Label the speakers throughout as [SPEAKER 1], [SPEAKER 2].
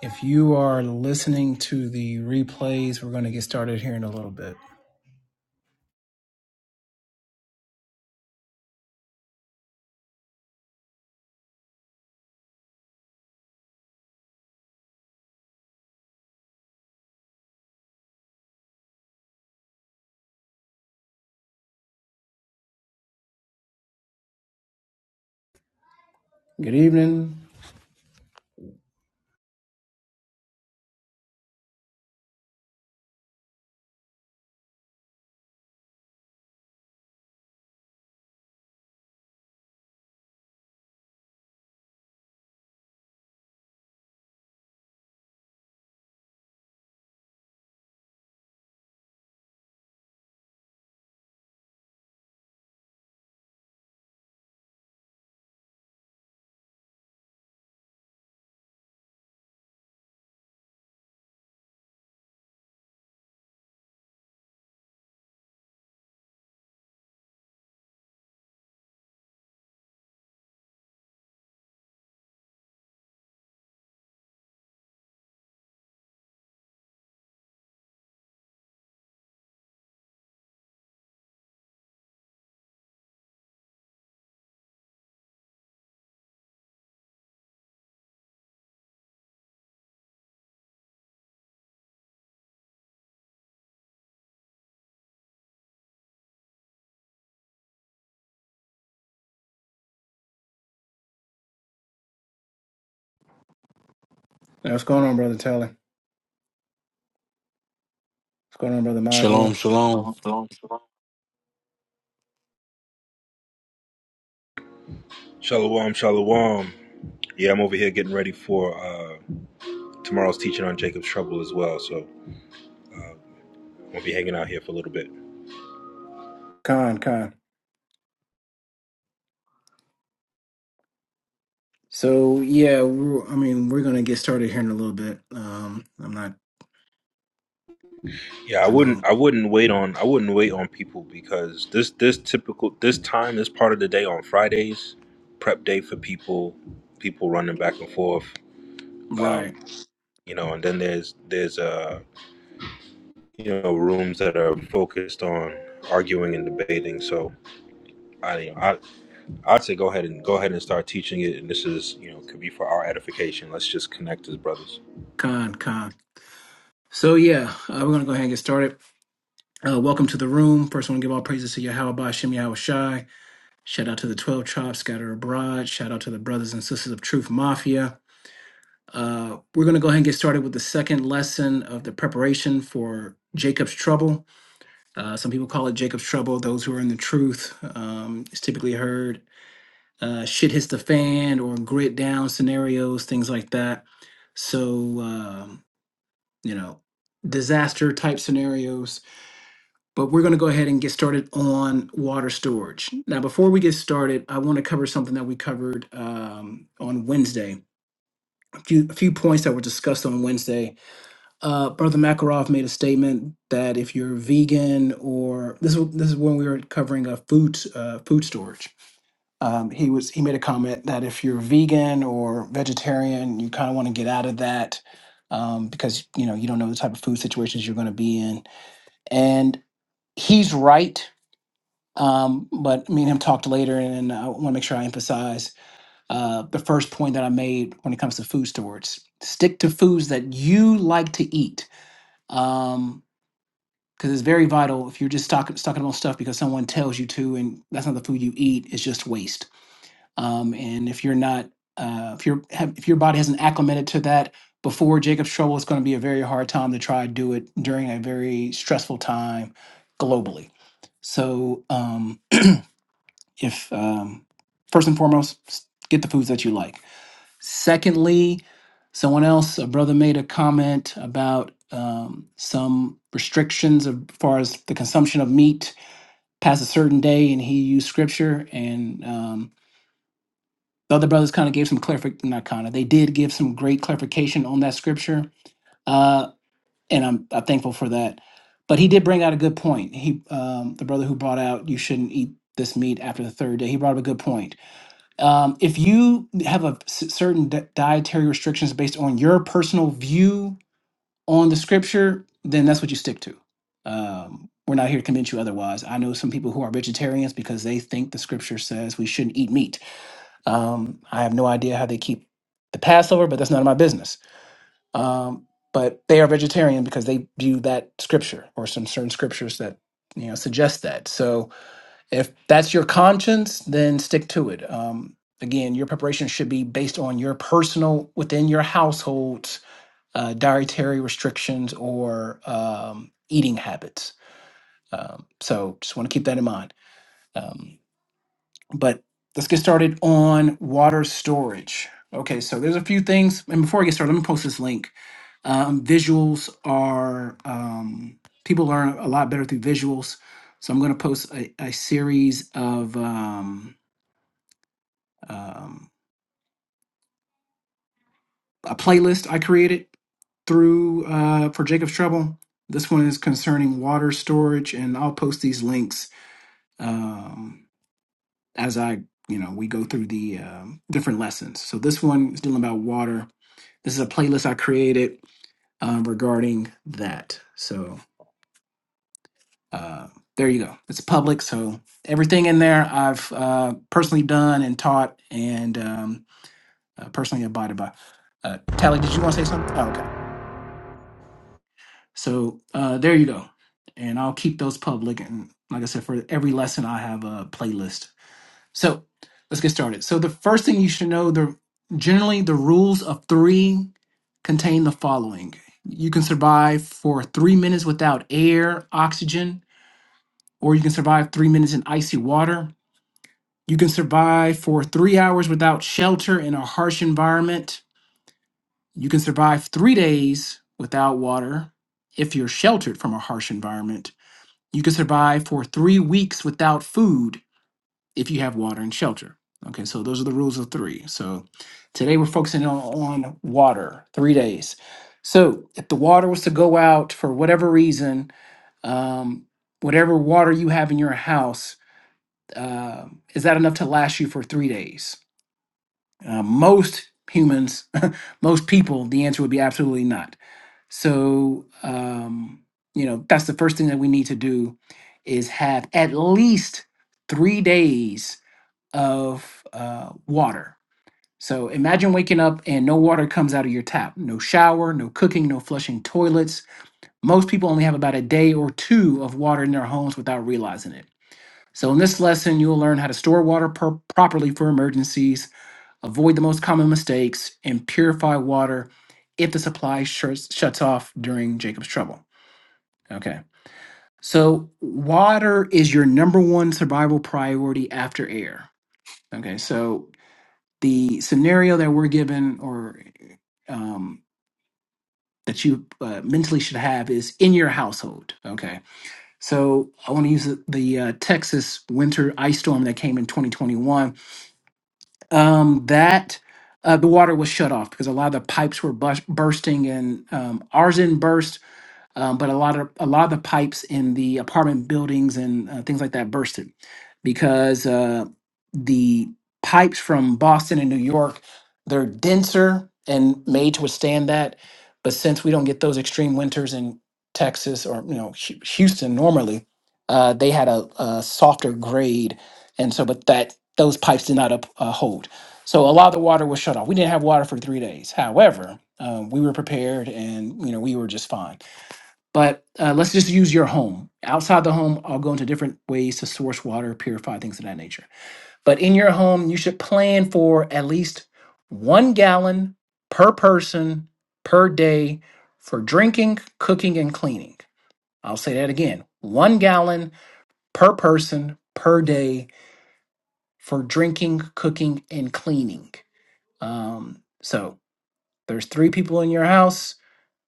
[SPEAKER 1] If you are listening to the replays, we're going to get started here in a little bit. Good evening. Now, What's going on, Brother Tally? What's going on, Brother
[SPEAKER 2] Shalom,
[SPEAKER 1] Mavu?
[SPEAKER 2] shalom.
[SPEAKER 3] Shalom, shalom. Yeah, I'm over here getting ready for uh, tomorrow's teaching on Jacob's trouble as well. So I'm gonna be hanging out here for a little bit.
[SPEAKER 1] Khan, Khan. So, yeah, we're, I mean, we're going to get started here in a little bit. Um, I'm not,
[SPEAKER 3] Yeah, I
[SPEAKER 1] I
[SPEAKER 3] wouldn't,
[SPEAKER 1] know,
[SPEAKER 3] I wouldn't wait on, I wouldn't wait on people because this, this typical, this time, this part of the day on Fridays, prep day for people, people running back and forth,
[SPEAKER 1] right.
[SPEAKER 3] you know. And then there's, there's, uh, you know, rooms that are focused on arguing and debating. So I, I I'd say go ahead and go ahead and start teaching it. And this is, you know, could be for our edification. Let's just connect as brothers.
[SPEAKER 1] Khan, Khan. So, yeah, uh, we're going to go ahead and get started. Uh, welcome to the room. First, I want to give all praises to Yahweh Bashim Yahweh Shai. Shout out to the 12 tribes scattered abroad. Shout out to the brothers and sisters of Truth Mafia. Uh, we're going to go ahead and get started with the second lesson of the preparation for Jacob's trouble. Uh, some people call it Jacob's trouble. Those who are in the truth, um, it's typically heard uh, shit hits the fan or grit down scenarios, things like that. So, um, you know, disaster type scenarios. But we're going to go ahead and get started on water storage. Now, before we get started, I want to cover something that we covered um, on Wednesday. A few, a few points that were discussed on Wednesday uh, Brother Makarov made a statement that if you're vegan or this is this is when we were covering a food uh, food storage. Um, he was he made a comment that if you're vegan or vegetarian, you kind of want to get out of that um, because you know you don't know the type of food situations you're going to be in. And he's right. Um, but me and him talked later, and I want to make sure I emphasize uh, the first point that I made when it comes to food storage. Stick to foods that you like to eat. Um, because it's very vital if you're just stock, stocking up on stuff because someone tells you to and that's not the food you eat it's just waste um, and if you're not uh, if your have, if your body hasn't acclimated to that before jacob's trouble it's going to be a very hard time to try to do it during a very stressful time globally so um, if um, first and foremost s- get the foods that you like Secondly, someone else, a brother made a comment about um, some restrictions of- as far as the consumption of meat past a certain day, and he used scripture. And um, the other brothers kind of gave some clarification, not kind of, they did give some great clarification on that scripture. Uh, and I'm, I'm thankful for that. But he did bring out a good point. He, um, the brother who brought out, you shouldn't eat this meat after the third day, he brought up a good point um, if you have a s- certain di- dietary restrictions based on your personal view on the scripture, then that's what you stick to. Um, we're not here to convince you otherwise. I know some people who are vegetarians because they think the scripture says we shouldn't eat meat. Um, I have no idea how they keep the Passover, but that's none of my business. Um, but they are vegetarian because they view that scripture or some certain scriptures that you know suggest that. So if that's your conscience, then stick to it. Um, again, your preparation should be based on your personal, within your household's uh, dietary restrictions or um, eating habits. Um, so just want to keep that in mind. Um, but let's get started on water storage. Okay, so there's a few things. And before I get started, let me post this link. Um, visuals are, um, people learn a lot better through visuals. So I'm going to post a, a series of. Um, um, a playlist I created through uh, for Jacob's Trouble. This one is concerning water storage, and I'll post these links um, as I, you know, we go through the um, different lessons. So this one is dealing about water. This is a playlist I created um, regarding that. So uh, there you go. It's public, so everything in there I've uh, personally done and taught and um, uh, personally abided by. Uh, Tally, did you want to say something? Oh, okay. So uh, there you go. And I'll keep those public. And like I said, for every lesson, I have a playlist. So let's get started. So the first thing you should know: the generally the rules of three contain the following. You can survive for three minutes without air, oxygen, or you can survive three minutes in icy water. You can survive for three hours without shelter in a harsh environment. You can survive three days without water if you're sheltered from a harsh environment You can survive for three weeks without food if you have water and shelter. Okay, so those are the rules of three. So today we're focusing on, on water, three days. So if the water was to go out for whatever reason, um, whatever water you have in your house, uh, is that enough to last you for three days? Uh, most humans, most people, the answer would be absolutely not so, um, you know, that's the first thing that we need to do is have at least three days of uh, water. So imagine waking up and no water comes out of your tap, no shower, no cooking, no flushing toilets. Most people only have about a day or two of water in their homes without realizing it. So, in this lesson, you'll learn how to store water per- properly for emergencies, avoid the most common mistakes, and purify water if the supply shuts shuts off during Jacob's trouble. Okay. So water is your number one survival priority after air. Okay. So the scenario that we're given or um, that you uh, mentally should have is in your household. Okay. So I want to use the, the uh, Texas winter ice storm that came in 2021. Um, that uh, the water was shut off because a lot of the pipes were bus- bursting and um, ours didn't burst um, but a lot of a lot of the pipes in the apartment buildings and uh, things like that bursted because uh, the pipes from Boston and New York they're denser and made to withstand that. But since we don't get those extreme winters in Texas or you know Hu- Houston normally, uh, they had a, a softer grade, and so but that those pipes did not up, uh, hold. So a lot of the water was shut off. We didn't have water for three days. However, um, we were prepared, and you know we were just fine. But uh, let's just use your home. Outside the home, I'll go into different ways to source water, purify things of that nature. But in your home, you should plan for at least one gallon per person per day for drinking, cooking, and cleaning. I'll say that again one gallon per person per day for drinking, cooking, and cleaning. Um, so there's three people in your house.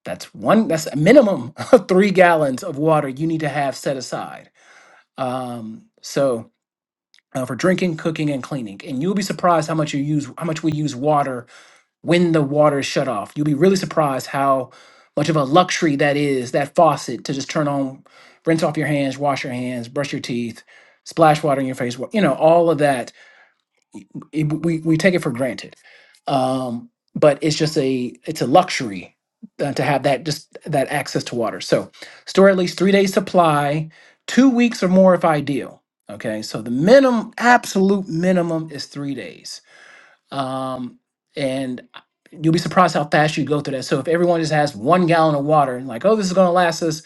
[SPEAKER 1] That's one, that's a minimum of three gallons of water you need to have set aside um, so uh, for drinking cooking and cleaning and you'll be surprised how much you use how much we use water when the water is shut off you'll be really surprised how much of a luxury that is that faucet to just turn on rinse off your hands wash your hands brush your teeth splash water in your face wa- you know all of that it, we we take it for granted. Um, but it's just a it's a luxury uh, to have that just that access to water. So store at least three days supply, two weeks or more if ideal. Okay, so the minimum absolute minimum is three days, um, and you'll be surprised how fast you go through that. So if everyone just has one gallon of water and like, oh, this is going to last us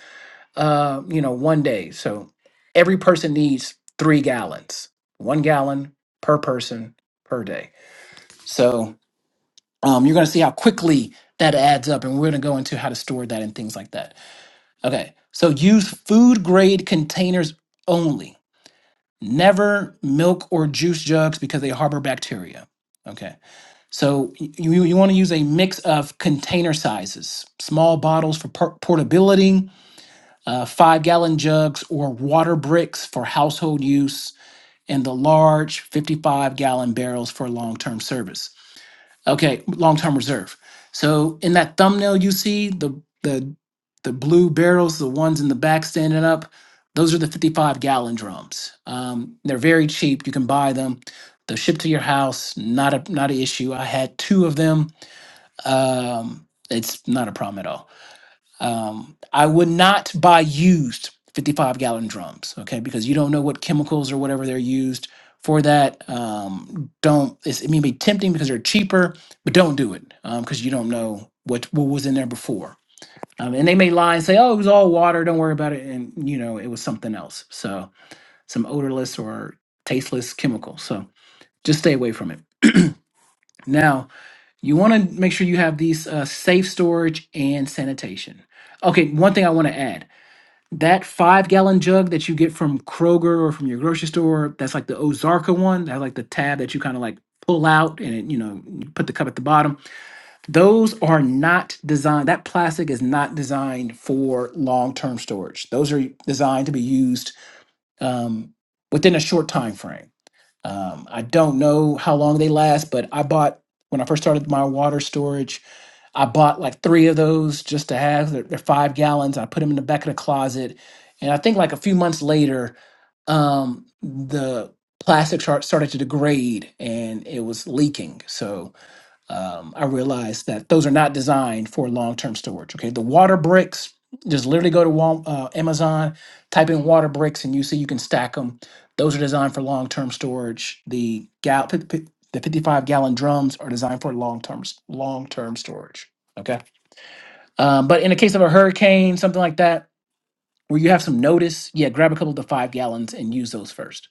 [SPEAKER 1] uh, you know, one day. So every person needs three gallons, one gallon per person per day. So um, you're going to see how quickly that adds up, and we're going to go into how to store that and things like that. Okay. So use food grade containers only, never milk or juice jugs because they harbor bacteria. Okay. So y- you, you want to use a mix of container sizes, small bottles for por- portability uh, five gallon jugs or water bricks for household use, and the large 55 gallon barrels for long term service. Okay, long term reserve. So in that thumbnail, you see the, the, the blue barrels, the ones in the back standing up, those are the 55 gallon drums. Um, they're very cheap. You can buy them. They're shipped to your house. Not a not an issue. I had two of them. Um, it's not a problem at all. Um, I would not buy used 55 gallon drums, okay, because you don't know what chemicals or whatever they're used for that. Um, don't, it's, it may be tempting because they're cheaper, but don't do it because you don't know what, what was in there before. Um, and they may lie and say, oh, it was all water, don't worry about it. And, you know, it was something else. So, some odorless or tasteless chemical. So, just stay away from it. Now, you want to make sure you have these uh, safe storage and sanitation. Okay, one thing I want to add that five gallon jug that you get from Kroger or from your grocery store, that's like the Ozarka one, that like the tab that you kind of like pull out and it, you know, you put the cup at the bottom. Those are not designed, that plastic is not designed for long term storage. Those are designed to be used um, within a short time frame. Um, I don't know how long they last, but I bought when I first started my water storage I bought like three of those just to have. They're, they're five gallons. I put them in the back of the closet, and I think like a few months later, um, the plastic chart started to degrade and it was leaking. So um, I realized that those are not designed for long term storage. Okay, the water bricks, just literally go to Wal- uh, Amazon, type in water bricks, and you see you can stack them. Those are designed for long term storage. The gal- pi- pi- the 55 gallon drums are designed for long term long term storage. Okay, um, but in the case of a hurricane, something like that, where you have some notice, yeah, grab a couple of the five gallons and use those first.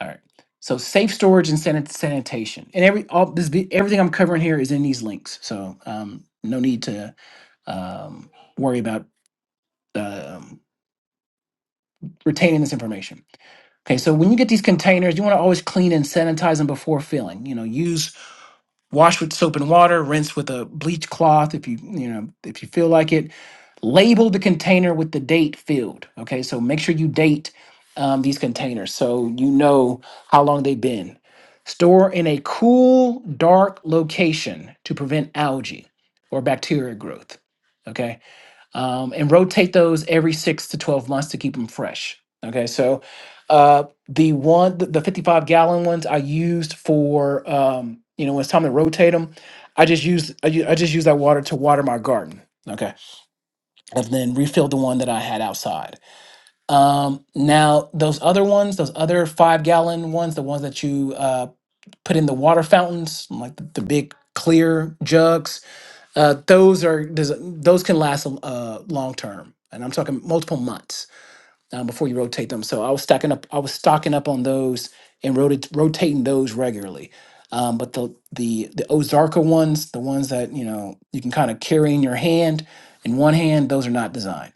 [SPEAKER 1] All right. So safe storage and sanit- sanitation, and every all this vi- everything I'm covering here is in these links. So um, no need to um, worry about um, retaining this information. Okay. So when you get these containers, you want to always clean and sanitize them before filling. You know, use wash with soap and water, rinse with a bleach cloth if you you know if you feel like it label the container with the date field. Okay, so make sure you date um, these containers so you know how long they've been. Store in a cool, dark location to prevent algae or bacteria growth. Okay, um, and rotate those every six to 12 months to keep them fresh. Okay, so uh, the one, the the 55 gallon ones I used for, um, you know, when it's time to rotate them, I just use I, ju- I just use that water to water my garden. Okay and then refilled the one that I had outside. Um, now those other ones, those other five gallon ones, the ones that you uh, put in the water fountains, like the, the big clear jugs, uh, those are there's- those can last uh, long term, and I'm talking multiple months um, before you rotate them. So I was stacking up, I was stocking up on those and rota- rotating those regularly. Um, but the the the Ozarka ones, the ones that you know you can kind of carry in your hand, in one hand, those are not designed.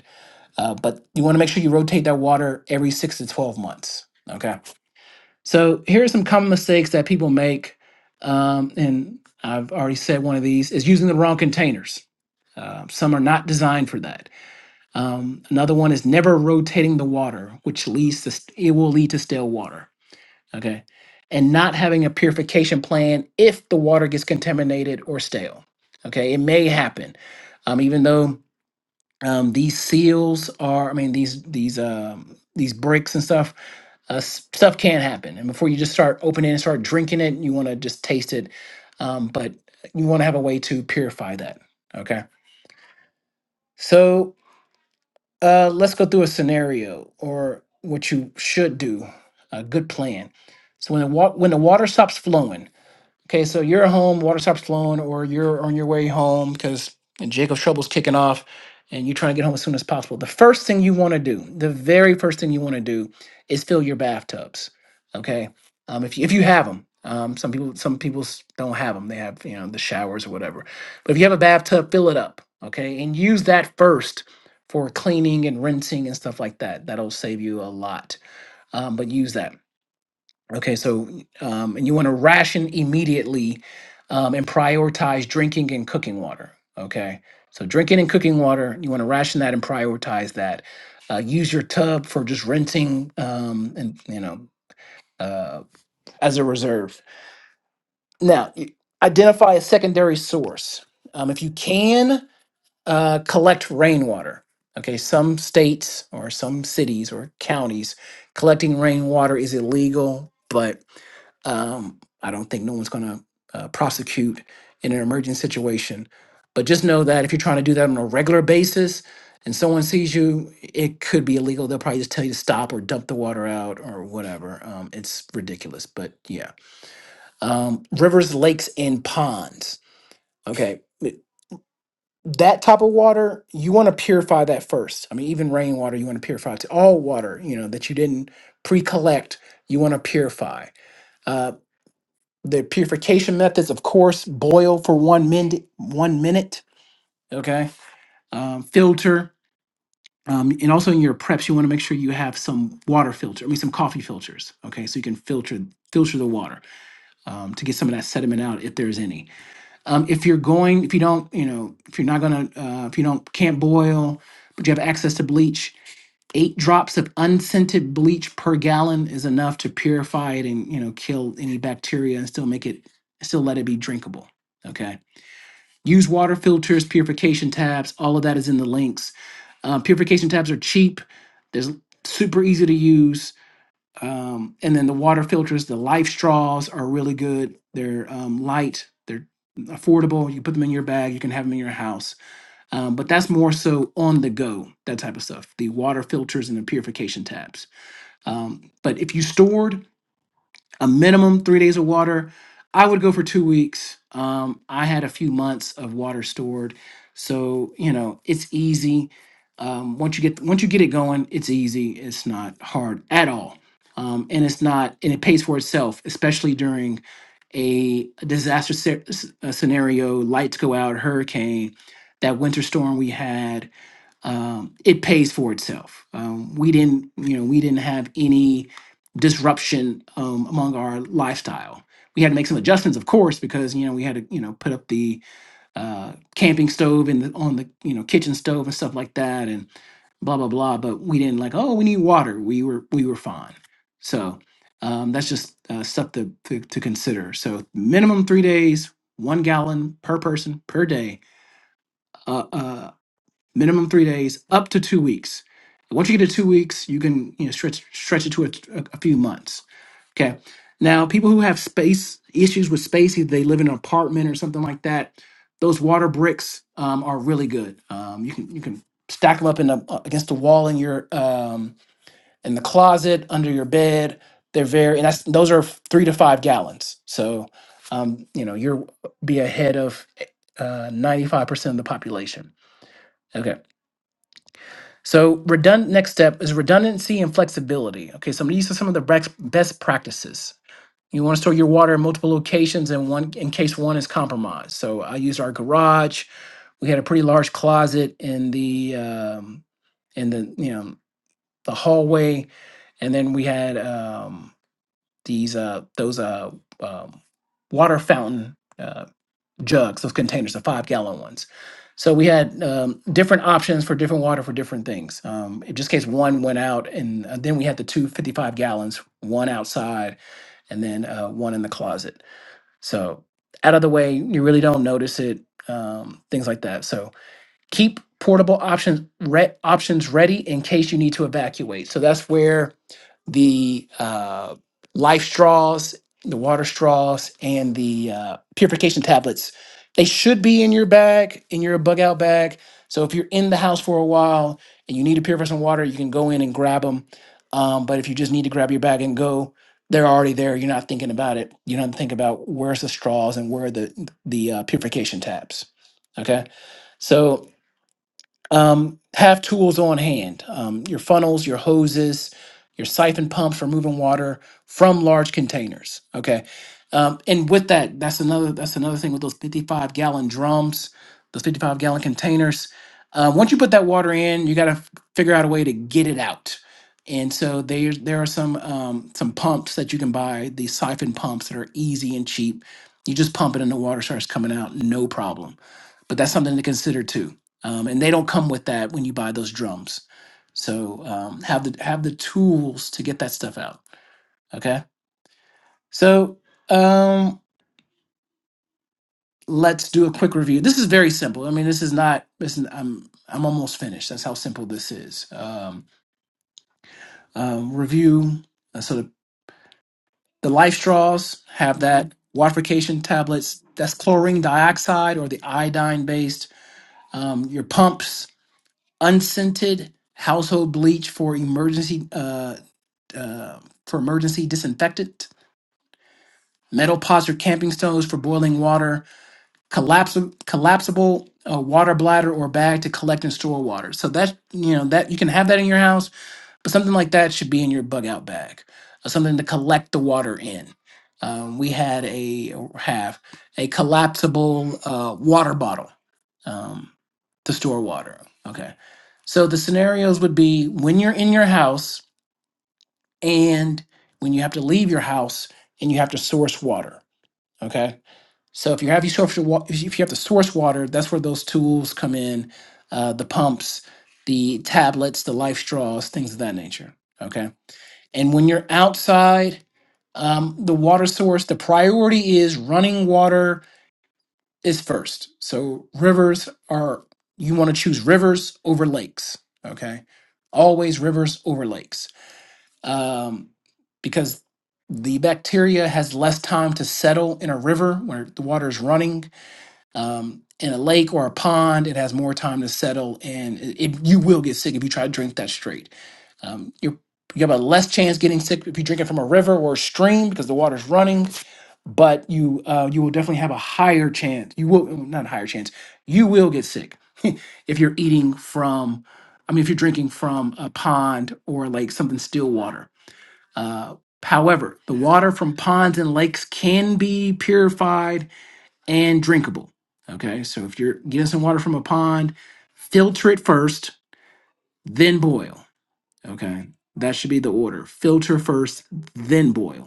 [SPEAKER 1] Uh, but you want to make sure you rotate that water every six to 12 months. Okay. So here are some common mistakes that people make. Um, and I've already said one of these is using the wrong containers. Uh, some are not designed for that. Um, another one is never rotating the water, which leads to st- it will lead to stale water. Okay. And not having a purification plan if the water gets contaminated or stale. Okay. It may happen. Um, even though um, these seals are i mean these these um, these bricks and stuff uh, s- stuff can happen and before you just start opening and start drinking it you want to just taste it um, but you want to have a way to purify that okay so uh, let's go through a scenario or what you should do a good plan so when the, wa- when the water stops flowing Okay, so you're at home, water stops flowing, or you're on your way home because Jacob's trouble's kicking off and you're trying to get home as soon as possible. The first thing you want to do, the very first thing you want to do is fill your bathtubs. Okay. Um, if you, if you have them, um, some people, some people s- don't have them. They have, you know, the showers or whatever, but if you have a bathtub, fill it up. Okay. And use that first for cleaning and rinsing and stuff like that. That'll save you a lot. Um, but use that. Okay, so um, and you want to ration immediately um, and prioritize drinking and cooking water. Okay, so drinking and cooking water, you want to ration that and prioritize that. Uh, use your tub for just rinsing um, and you know uh, as a reserve. Now, y- identify a secondary source. Um, if you can, uh, collect rainwater. Okay, some states or some cities or counties collecting rainwater is illegal, but um, I don't think no one's going to uh, prosecute in an emergent situation. But just know that if you're trying to do that on a regular basis and someone sees you, it could be illegal. They'll probably just tell you to stop or dump the water out or whatever. Um, it's ridiculous, but yeah. Um, rivers, lakes, and ponds. Okay that type of water you want to purify that first i mean even rainwater you want to purify to all water you know that you didn't pre-collect you want to purify uh, the purification methods of course boil for one minute one minute okay um, filter um, and also in your preps you want to make sure you have some water filter i mean some coffee filters okay so you can filter filter the water um, to get some of that sediment out if there's any Um, if you're going, if you don't, you know, if you're not gonna, uh, if you don't can't boil, but you have access to bleach, eight drops of unscented bleach per gallon is enough to purify it and you know kill any bacteria and still make it still let it be drinkable okay use water filters purification tabs all of that is in the links um, purification tabs are cheap there's super easy to use um, and then the water filters, the Life Straws are really good. They're um, light, they're affordable. You put them in your bag, you can have them in your house. Um, but that's more so on the go, that type of stuff. The water filters and the purification tabs. Um, but if you stored a minimum three days of water. I would go for two weeks. Um, I had a few months of water stored, so you know it's easy. Um, once you get once you get it going, it's easy. It's not hard at all, um, and it's not and it pays for itself, especially during a disaster sce- s- uh, scenario. Lights go out, hurricane, that winter storm we had um, it pays for itself. Um, we didn't, you know, we didn't have any disruption um, among our lifestyle. We had to make some adjustments, of course, because you know we had to, you know, put up the uh, camping stove and the, on the, you know, kitchen stove and stuff like that, and blah blah blah. But we didn't like, oh, we need water. We were we were fine. So um, that's just uh, stuff to, to to consider. So minimum three days, one gallon per person per day. Uh. uh, minimum three days, up to two weeks. And Once you get to two weeks, you can you know stretch stretch it to a, a few months. Okay. Now, people who have space issues with space, either they live in an apartment or something like that, those water bricks um, are really good. Um, you can you can stack them up in the, uh, against the wall in your um, in the closet under your bed. They're very and that's those are three to five gallons. So um, you know you're be ahead of ninety five percent of the population. Okay. So redundant next step is redundancy and flexibility. Okay, so I'm gonna use some of the brex- best practices. You want to store your water in multiple locations in one in case one is compromised. So I used our garage. We had a pretty large closet in the um, in the you know the hallway, and then we had um, these uh, those uh, um, water fountain. Uh, jugs, those containers, the five gallon ones. So we had um, different options for different water for different things. Um, in just case one went out, and uh, then we had the two fifty five gallons, one outside and then uh, one in the closet. So out of the way, you really don't notice it, um, things like that. So keep portable options re- options ready in case you need to evacuate. So that's where the uh, life straws, the water straws, and the uh, purification tablets. They should be in your bag, in your bug out bag. So if you're in the house for a while and you need to purify some water, you can go in and grab them. Um, but if you just need to grab your bag and go, they're already there. You're not thinking about it. You don't think about where's the straws and where are the the uh, purification tabs. Okay, so um, have tools on hand, um, your funnels, your hoses, your siphon pumps for moving water from large containers. Okay. Um, and with that, that's another that's another thing with those 55 gallon drums, those 55 gallon containers. Uh, once you put that water in, you got to figure out a way to get it out. And so there there are some um, some pumps that you can buy, these siphon pumps that are easy and cheap. You just pump it and the water starts coming out, no problem. But that's something to consider too um, and they don't come with that when you buy those drums. So um, have the have the tools to get that stuff out. Okay, so um, let's do a quick review. This is very simple. I mean, this is not. This is, I'm I'm almost finished. That's how simple this is. Um, um, review. uh, So the, the life straws have that waterification tablets. That's chlorine dioxide or the iodine based. Um, your pumps unscented household bleach for emergency. Uh, uh, for emergency disinfectant, metal pots or camping stoves for boiling water, collapsible collapsible uh, water bladder or bag to collect and store water. So that you know that you can have that in your house, but something like that should be in your bug out bag, or something to collect the water in. Um, we had a or have a collapsible uh, water bottle um, to store water. Okay, so the scenarios would be when you're in your house and when you have to leave your house and you have to source water. Okay, so if you have you source your wa- if you have to source water, that's where those tools come in, uh, the pumps, the tablets, the life straws, things of that nature. Okay, and when you're outside, um, the water source, the priority is running water is first. So rivers are you want to choose rivers over lakes. Okay, always rivers over lakes um, because the bacteria has less time to settle in a river where the water is running. Um, in a lake or a pond, it has more time to settle, and it, it- you will get sick if you try to drink that straight. Um, you're, you have a less chance getting sick if you drink it from a river or a stream because the water's running, but you uh, you will definitely have a higher chance. You will well, not a higher chance. You will get sick if you're eating from. I mean, if you're drinking from a pond or like something still water uh, however, the water from ponds and lakes can be purified and drinkable. Okay, so if you're getting some water from a pond, filter it first, then boil. Okay, that should be the order filter first, then boil.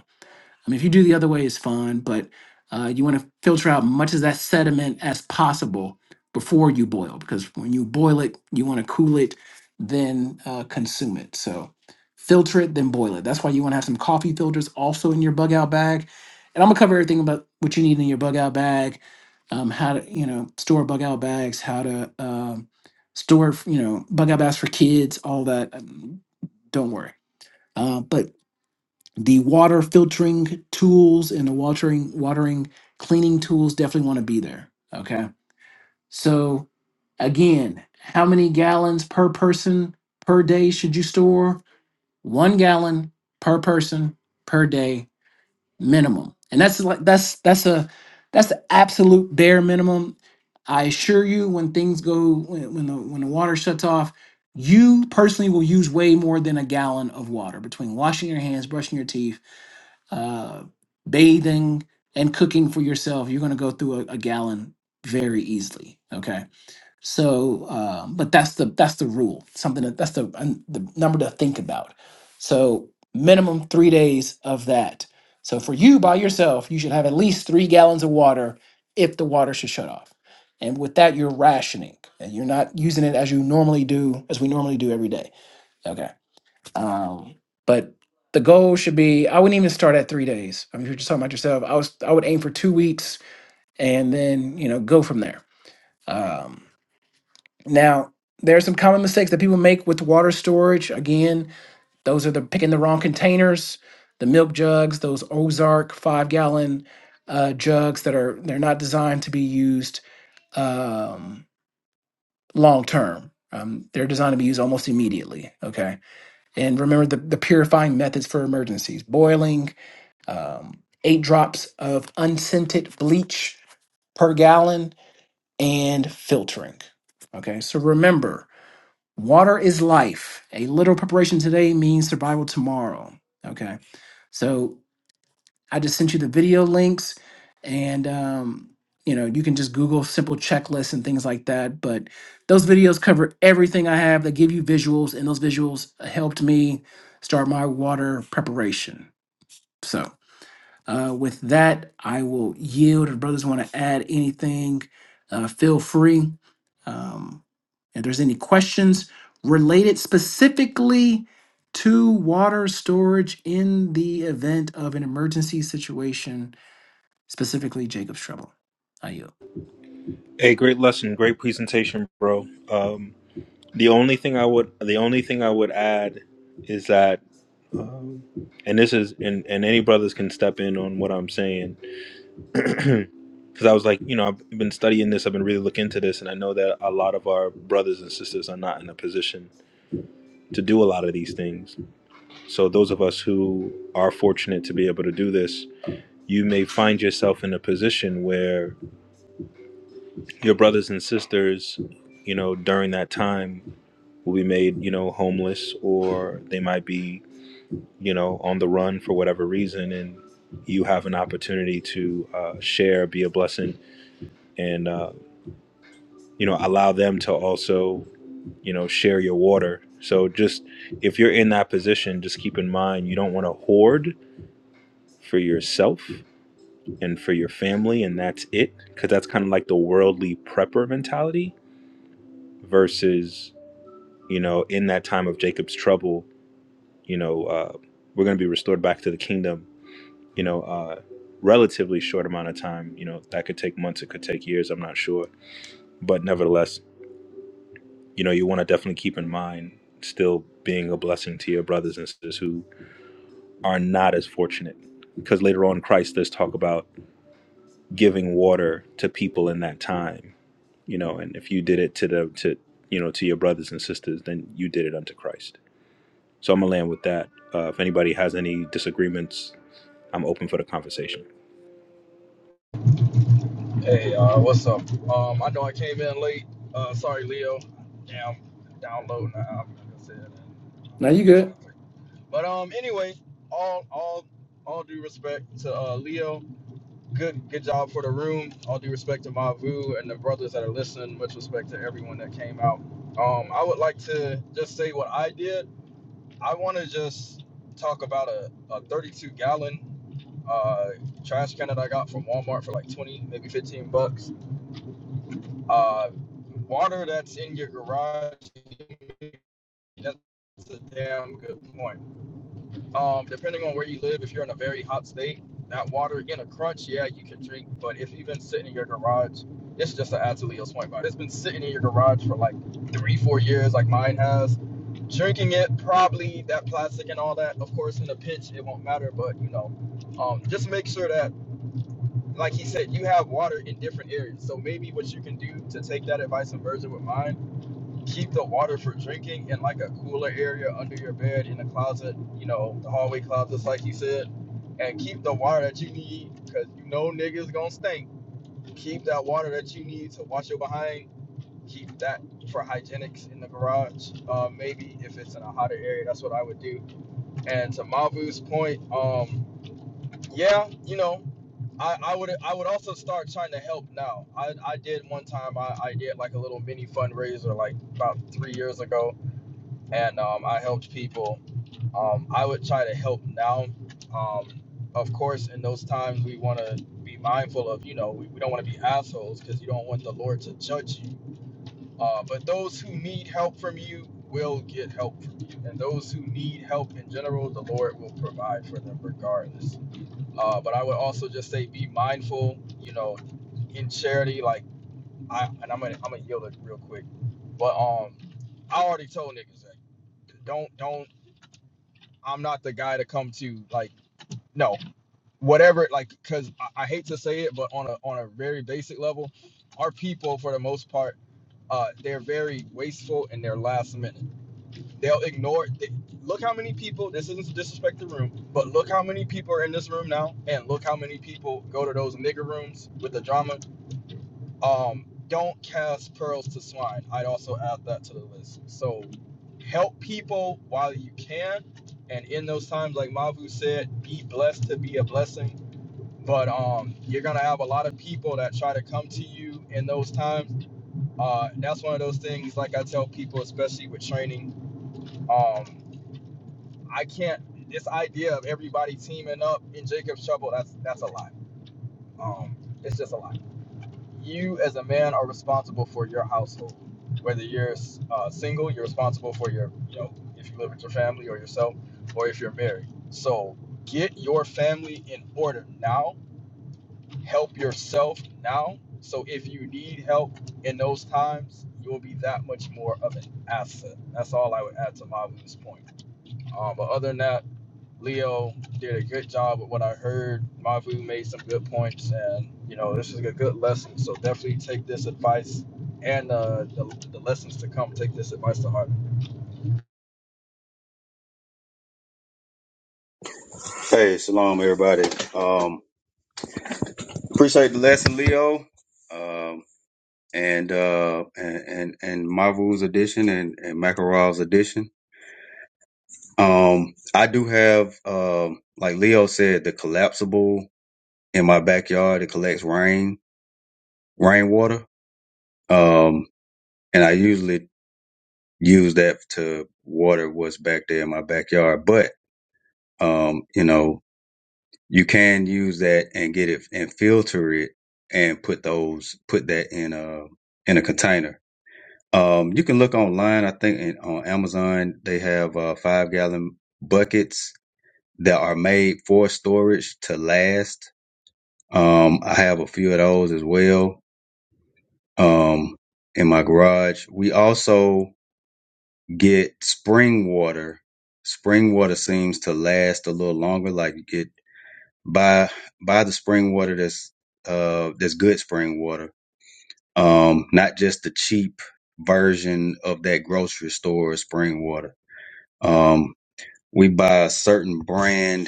[SPEAKER 1] I mean, if you do the other way, it's fine, but uh, you want to filter out much of that sediment as possible before you boil, because when you boil it, you want to cool it, then uh, consume it. So filter it, then boil it. That's why you want to have some coffee filters also in your bug out bag. And I'm gonna cover everything about what you need in your bug out bag, um, how to you know store bug out bags, how to um, store you know bug out bags for kids, all that. Um, Don't worry. Uh, but the water filtering tools and the watering watering cleaning tools definitely want to be there okay so again how many gallons per person per day should you store one gallon per person per day minimum and that's like that's that's a that's the absolute bare minimum i assure you when things go when, when the when the water shuts off you personally will use way more than a gallon of water between washing your hands brushing your teeth uh, bathing and cooking for yourself, you're going to go through a, a gallon very easily. Okay, so um, but that's the that's the rule. Something that that's the um, the number to think about. So minimum three days of that. So for you by yourself, you should have at least three gallons of water if the water should shut off. And with that, you're rationing and you're not using it as you normally do, as we normally do every day. Okay. Um, but the goal should be I wouldn't even start at three days. I mean, if you're just talking about yourself, I was I would aim for two weeks and then you know go from there. Um, now there are some common mistakes that people make with water storage. Again, those are the picking the wrong containers, the milk jugs, those Ozark five gallon uh, jugs that are they're not designed to be used um, long term. Um, they're designed to be used almost immediately. Okay, and remember the, the purifying methods for emergencies: boiling, um, eight drops of unscented bleach per gallon and filtering. Okay, so remember, water is life. A little preparation today means survival tomorrow. Okay, so I just sent you the video links, and um, you know you can just Google simple checklists and things like that. But those videos cover everything I have. They give you visuals, and those visuals helped me start my water preparation. So. Uh, with that, I will yield. If brothers want to add anything, uh, feel free. Um, if there's any questions related specifically to water storage in the event of an emergency situation, specifically Jacob's trouble, I yield.
[SPEAKER 3] Hey, great lesson, great presentation, bro. Um, the only thing I would, the only thing I would add is that, and this is, and and any brothers can step in on what I'm saying, because I was like, you know, I've been studying this, I've been really looking into this, and I know that a lot of our brothers and sisters are not in a position to do a lot of these things. So those of us who are fortunate to be able to do this, you may find yourself in a position where your brothers and sisters, you know, during that time will be made, you know, homeless or they might be, you know, on the run for whatever reason. And you have an opportunity to uh, share, be a blessing, and, uh, you know, allow them to also, you know, share your water. So just if you're in that position, just keep in mind you don't want to hoard for yourself and for your family and that's it because that's kind of like the worldly prepper mentality versus you know in that time of jacob's trouble you know uh, we're going to be restored back to the kingdom you know uh, relatively short amount of time you know that could take months it could take years i'm not sure but nevertheless you know you want to definitely keep in mind still being a blessing to your brothers and sisters who are not as fortunate because later on in christ there's talk about giving water to people in that time you know and if you did it to the to you know to your brothers and sisters then you did it unto christ so i'm gonna land with that uh, if anybody has any disagreements i'm open for the conversation
[SPEAKER 4] Hey, uh, what's up? Um, I know I came in late. Uh, sorry, Leo. Yeah, downloading the album, like I said. and I'm
[SPEAKER 1] Now
[SPEAKER 4] out
[SPEAKER 1] you
[SPEAKER 4] in
[SPEAKER 1] good?
[SPEAKER 4] traffic. But um, anyway, all all all due respect to uh, Leo. Good good job for the room. All due respect to Mavu and the brothers that are listening. Much respect to everyone that came out. Um, I would like to just say what I did. I want to just talk about a, a 32 gallon uh, trash can that I got from Walmart for like 20, maybe 15 bucks uh, water that's in your garage, that's a damn good point. Um, depending on where you live, if you're in a very hot state, that water again a crunch, yeah, you can drink. But if you've been sitting in your garage, it's just an absolutely a point. But it's been sitting in your garage for like three, four years, like mine has. Drinking it, probably that plastic and all that. Of course, in a pinch, it won't matter. But you know, um, just make sure that like he said, you have water in different areas. So maybe what you can do to take that advice and merge it with mine keep the water for drinking in like a cooler area under your bed in a closet, you know, the hallway closets, like you said, and keep the water that you need because you know niggas gonna stink. Keep that water that you need to wash your behind. Keep that for hygienics in the garage. Um, maybe if it's in a hotter area, that's what I would do. And to Mavu's point, um, yeah, you know, I, I would I would also start trying to help now. I, I did one time I, I did like a little mini fundraiser like about three years ago and um, I helped people. Um, I would try to help now. Um, of course, in those times, we want to be mindful of, you know, we, we don't want to be assholes because you don't want the Lord to judge you. Uh, but those who need help from you will get help from you. And those who need help in general, the Lord will provide for them regardless. Uh, but I would also just say be mindful, you know, in charity. Like, I, and I'm going to I'm gonna yield it real quick. But um, I already told niggas that don't don't I'm not the guy to come to like no whatever like because I, I hate to say it, but on a on a very basic level, our people for the most part uh, they're very wasteful and they're last minute. They'll ignore. They, look how many people. This isn't to disrespect the room, but look how many people are in this room now, and look how many people go to those nigger rooms with the drama um, don't cast pearls to swine. I'd also add that to the list. So help people while you can. And in those times, like Mavu said, be blessed to be a blessing. But um, you're gonna have a lot of people that try to come to you in those times. Uh, that's one of those things. Like I tell people, especially with training, um, I can't. This idea of everybody teaming up in Jacob's trouble—that's that's that's a lot. Um, it's just a lot. you as a man are responsible for your household. Whether you're uh, single, you're responsible for your, you know, if you live with your family or yourself, or if you're married. So get your family in order now. Help yourself now. So if you need help in those times, you'll be that much more of an asset. That's all I would add to Mavu's point. Um, but other than that, Leo did a good job with what I heard. Mavu made some good points, and you know this is a good lesson. So definitely take this advice and uh, the, the lessons to come. Take this advice to heart.
[SPEAKER 5] Hey, shalom, everybody. Um, appreciate the lesson, Leo, um, and, uh, and and and Marvel's edition and and Makarov's edition. Um, I do have, um, like Leo said, the collapsible in my backyard. It collects rain, rainwater, um, and I usually use that to water what's back there in my backyard. But um, you know, you can use that and get it and filter it and put those put that in a in a container. Um, you can look online. I think in, on Amazon they have uh, five gallon buckets that are made for storage to last. Um, I have a few of those as well um, in my garage. We also get spring water. Spring water seems to last a little longer. Like it buy buy the spring water that's uh that's good spring water um not just the cheap version of that grocery store spring water um we buy a certain brand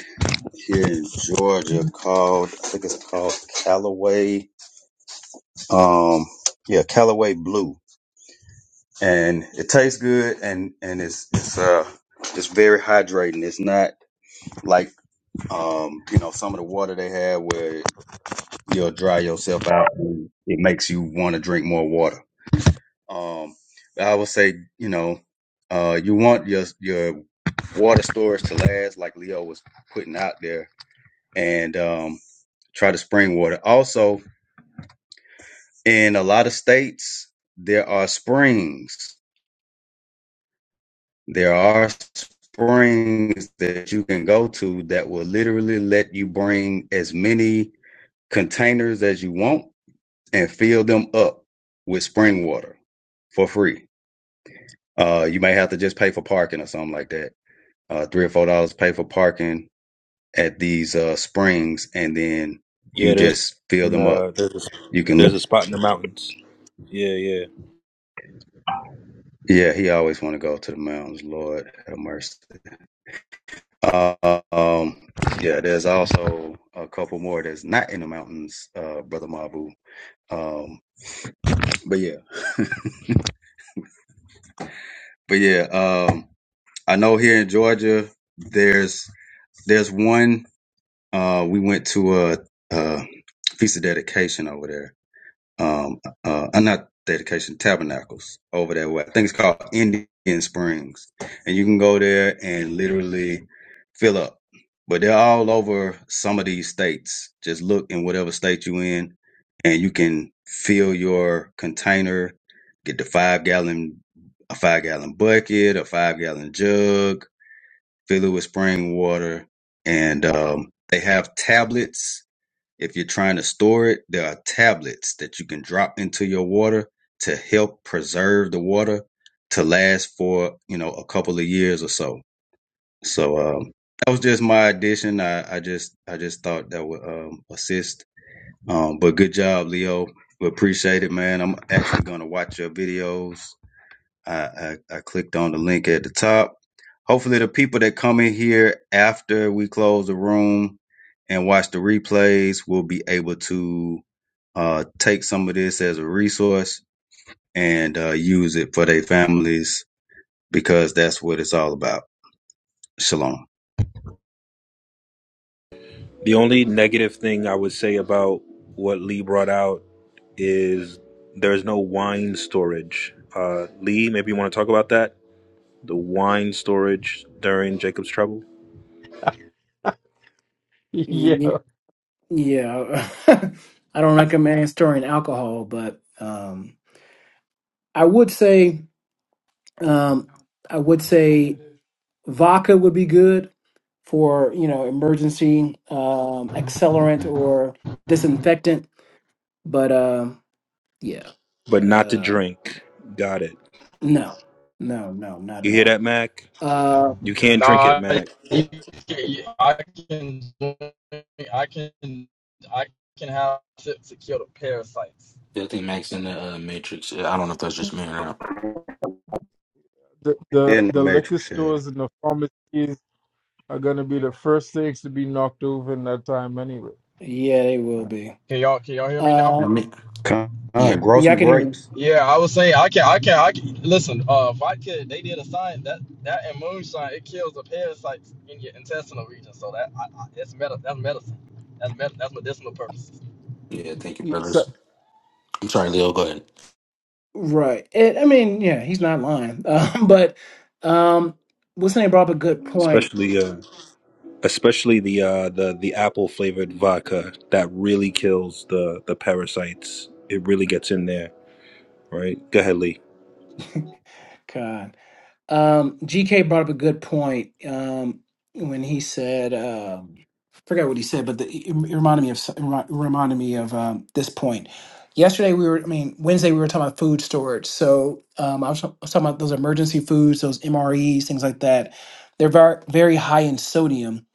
[SPEAKER 5] here in Georgia called I think it's called Callaway um yeah Callaway Blue and it tastes good and and it's it's uh it's very hydrating it's not like um you know some of the water they have where you'll dry yourself out. And it makes you want to drink more water. Um, I would say, you know, uh, you want your your water storage to last, like Leo was putting out there, and um, try the spring water. Also, in a lot of states, there are springs. There are springs that you can go to that will literally let you bring as many containers as you want and fill them up with spring water for free Uh, you may have to just pay for parking or something like that. Uh, three or four dollars pay for parking at these uh, springs, and then you
[SPEAKER 3] yeah there's
[SPEAKER 5] just fill
[SPEAKER 3] and,
[SPEAKER 5] them up.
[SPEAKER 3] uh, there's, a,
[SPEAKER 5] You can, look.
[SPEAKER 3] there's a spot in the mountains yeah yeah
[SPEAKER 5] yeah. He always want to go to the mountains. Lord have mercy. Uh, um, yeah. There's also a couple more that's not in the mountains, uh, brother Mabu. Um, but yeah, but yeah. Um, I know here in Georgia, there's there's one. Uh, we went to a, a feast of dedication over there um uh uh, not dedication tabernacles over that way. I think it's called Indian Springs, and you can go there and literally fill up. But they're all over some of these states. Just look in whatever state you in, and you can fill your container. Get the five gallon, a five gallon bucket, a five gallon jug, fill it with spring water, and um, they have tablets if you're trying to store it, there are tablets that you can drop into your water to help preserve the water to last for, you know, a couple of years or so. So um that was just my addition. I, I just I just thought that would um assist. Um but good job, Leo. We appreciate it, man. I'm actually gonna watch your videos I, I, I clicked on the link at the top. Hopefully, the people that come in here after we close the room and watch the replays will be able to uh, take some of this as a resource and uh, use it for their families because that's what it's all about. Shalom.
[SPEAKER 3] the only negative thing i would say about what lee brought out is there's no wine storage uh, lee maybe you want to talk about that the wine storage during jacob's trouble
[SPEAKER 6] Yeah,
[SPEAKER 1] Yeah, yeah. I don't recommend storing alcohol, but um, I would say um, I would say Vodka would be good for you know emergency um, accelerant or disinfectant, but um, yeah,
[SPEAKER 3] but not to
[SPEAKER 1] um,
[SPEAKER 3] drink got it
[SPEAKER 1] no, no, no, not
[SPEAKER 3] you
[SPEAKER 1] at
[SPEAKER 3] hear that
[SPEAKER 1] all.
[SPEAKER 3] mac
[SPEAKER 1] Uh,
[SPEAKER 3] You can't drink it,
[SPEAKER 4] Nah,
[SPEAKER 3] Mac.
[SPEAKER 4] you- you- I can, I can, I can have tips to kill the parasites.
[SPEAKER 2] Yeah, I think Max in the uh, Matrix. I don't know if that's just me or not.
[SPEAKER 6] the, the
[SPEAKER 5] In the
[SPEAKER 6] the liquor
[SPEAKER 5] matrix, yeah.
[SPEAKER 6] stores and the pharmacies are gonna be the first things to be knocked over in that time anyway.
[SPEAKER 1] yeah, they will
[SPEAKER 6] man.
[SPEAKER 1] be.
[SPEAKER 4] Can y'all can y'all hear me now?
[SPEAKER 2] Yeah,
[SPEAKER 1] Uh,
[SPEAKER 2] me-
[SPEAKER 5] Come
[SPEAKER 2] yeah,
[SPEAKER 5] on, grow
[SPEAKER 1] yeah, I
[SPEAKER 5] some
[SPEAKER 1] can hear you.
[SPEAKER 5] grapes.
[SPEAKER 4] Yeah, I was saying I can I can I can listen. Uh, vodka they did a sign that that and moonshine it kills the parasites in your intestinal region. So that I, I, it's medi that's medicine. That's med- that's medicinal purposes.
[SPEAKER 2] yeah, thank you,
[SPEAKER 6] It's a
[SPEAKER 2] brothers. I'm sorry, Leo. Go ahead.
[SPEAKER 1] Right. It, I mean, yeah, he's not lying. Um, but um, what's name brought up a good point.
[SPEAKER 3] Especially uh especially the uh the the apple flavored vodka that really kills the the parasites. It really gets in there, right? Go ahead, Lee.
[SPEAKER 1] God. Um, GK brought up a good point um, when he said, um, I forgot what he said, but the, it, it reminded me of so- it remi- reminded me of um, this point. Yesterday we were, I mean, Wednesday we were talking about food storage. So um, I, was, ta- I was talking about those emergency foods, those MREs, things like that. They're very very high in sodium,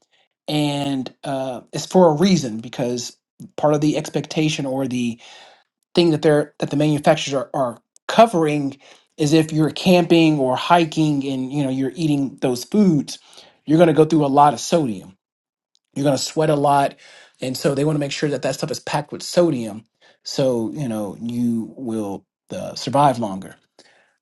[SPEAKER 1] and uh, it's for a reason because part of the expectation or the thing that they're that the manufacturers are, are covering is if you're camping or hiking and you know you're eating those foods you're going to go through a lot of sodium you're going to sweat a lot and so they want to make sure that that stuff is packed with sodium so you know you will uh, survive longer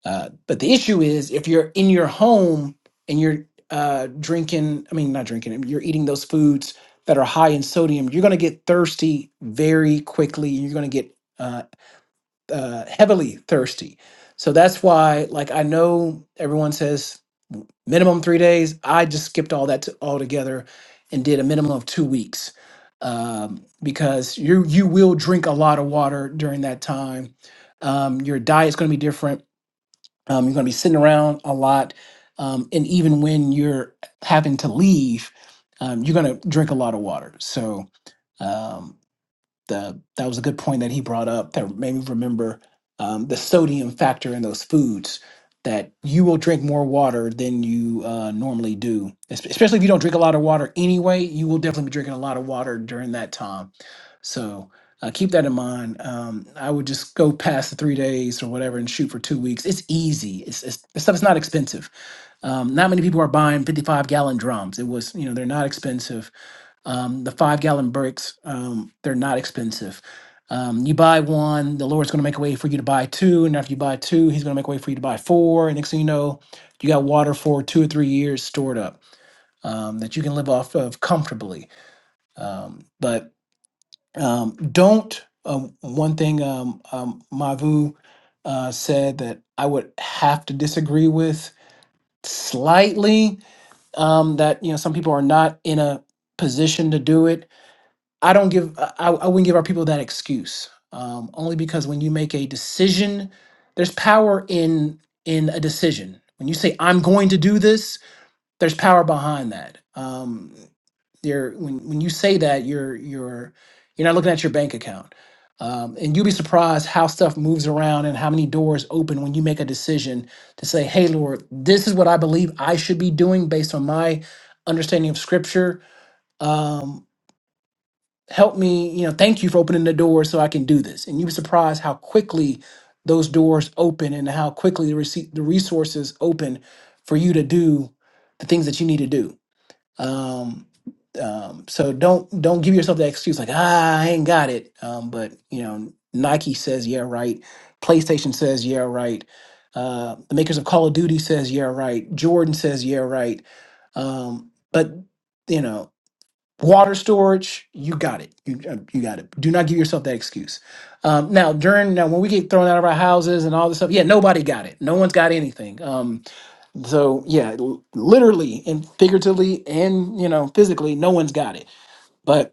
[SPEAKER 1] uh, but the issue is if you're in your home and you're uh, drinking i mean not drinking you're eating those foods that are high in sodium you're going to get thirsty very quickly you're going to get uh, uh, heavily thirsty. So that's why, like, I know everyone says minimum three days. I just skipped all that to, altogether and did a minimum of two weeks um, because you you will drink a lot of water during that time. Um, your diet's going to be different. Um, you're going to be sitting around a lot, um, and even when you're having to leave, um, you're going to drink a lot of water. So. Um, the that was a good point that he brought up that made me remember um, the sodium factor in those foods that you will drink more water than you uh, normally do Es- especially if you don't drink a lot of water anyway you will definitely be drinking a lot of water during that time so uh, keep that in mind um, i would just go past the three days or whatever and shoot for two weeks it's easy it's, it's the stuff is not expensive um, not many people are buying 55 gallon drums it was you know they're not expensive um, the five gallon bricks, um, they're not expensive. Um, you buy one, the Lord's going to make a way for you to buy two. And after you buy two, He's going to make a way for you to buy four. And next thing you know, you got water for two or three years stored up um, that you can live off of comfortably. Um, but um, don't, um, one thing um, um, Mavu uh, said that I would have to disagree with slightly um, that, you know, some people are not in a position to do it I don't give I, I wouldn't give our people that excuse. Um, only because when you make a decision, there's power in in a decision. When you say I'm going to do this, there's power behind that. Um, you're when when you say that you're you're you're not looking at your bank account. Um, and you'll be surprised how stuff moves around and how many doors open when you make a decision to say, "Hey, Lord, this is what I believe I should be doing based on my understanding of Scripture." Um, help me, you know, thank you for opening the door so I can do this. And you would be surprised how quickly those doors open and how quickly the, rece- the resources open for you to do the things that you need to do. Um, um, so don't don't give yourself that excuse like ah I ain't got it. Um, but you know Nike says yeah right, PlayStation says yeah right, uh, the makers of Call of Duty says yeah right, Jordan says yeah right. Um, but you know water storage you got it you, uh, you got it do not give yourself that excuse um, now during now when we get thrown out of our houses and all this stuff yeah nobody got it no one's got anything um, so yeah l- literally and figuratively and you know physically no one's got it But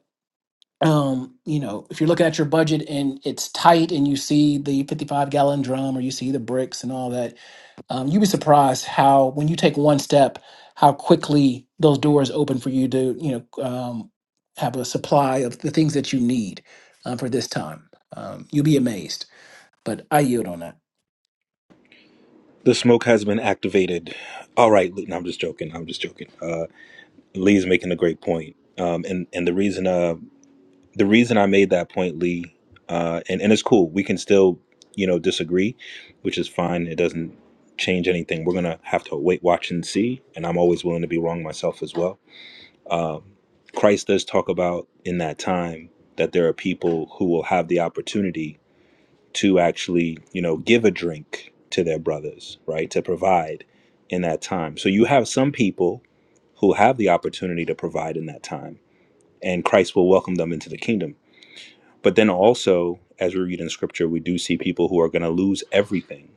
[SPEAKER 1] um you know if you're looking at your budget and it's tight and you see the 55 gallon drum or you see the bricks and all that um, you'd be surprised how when you take one step how quickly those doors open for you to you know um, have a supply of the things that you need um, for this time um, you'll be amazed but i yield on that
[SPEAKER 3] The smoke has been activated. All right, Lee. No, I'm just joking. I'm just joking. Uh Lee's making a great point. Um and and the reason uh the reason I made that point, Lee, uh and and it's cool. We can still, you know, disagree, which is fine. It doesn't change anything. We're going to have to wait, watch and see, and I'm always willing to be wrong myself as well Um, Christ does talk about in that time that there are people who will have the opportunity to actually, you know, give a drink to their brothers, right? To provide in that time. So you have some people who have the opportunity to provide in that time, and Christ will welcome them into the kingdom. But then also, as we read in scripture, we do see people who are going to lose everything.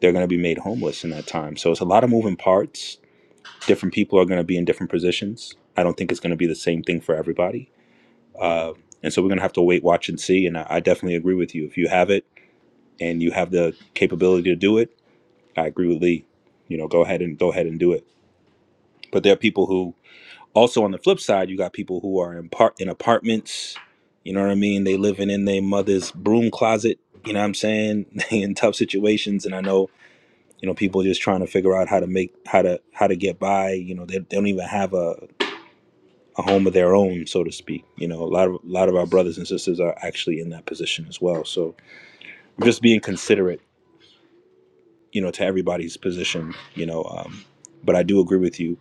[SPEAKER 3] They're going to be made homeless in that time. So it's a lot of moving parts. Different people are going to be in different positions. I don't think it's going to be the same thing for everybody uh, and so we're going to have to wait, watch, and see. And I, I definitely agree with you. If you have it and you have the capability to do it, I agree with Lee. You know, go ahead and go ahead and do it. But there are people who also on the flip side, you got people who are in part in apartments. You know what I mean? They living in their mother's broom closet. You know what I'm saying? They in tough situations, and I know you know people just trying to figure out how to make how to how to get by. You know, they, they don't even have a a home of their own, so to speak. You know, a lot of a lot of our brothers and sisters are actually in that position as well. So just being considerate, you know, to everybody's position, you know. Um, but I do agree with you.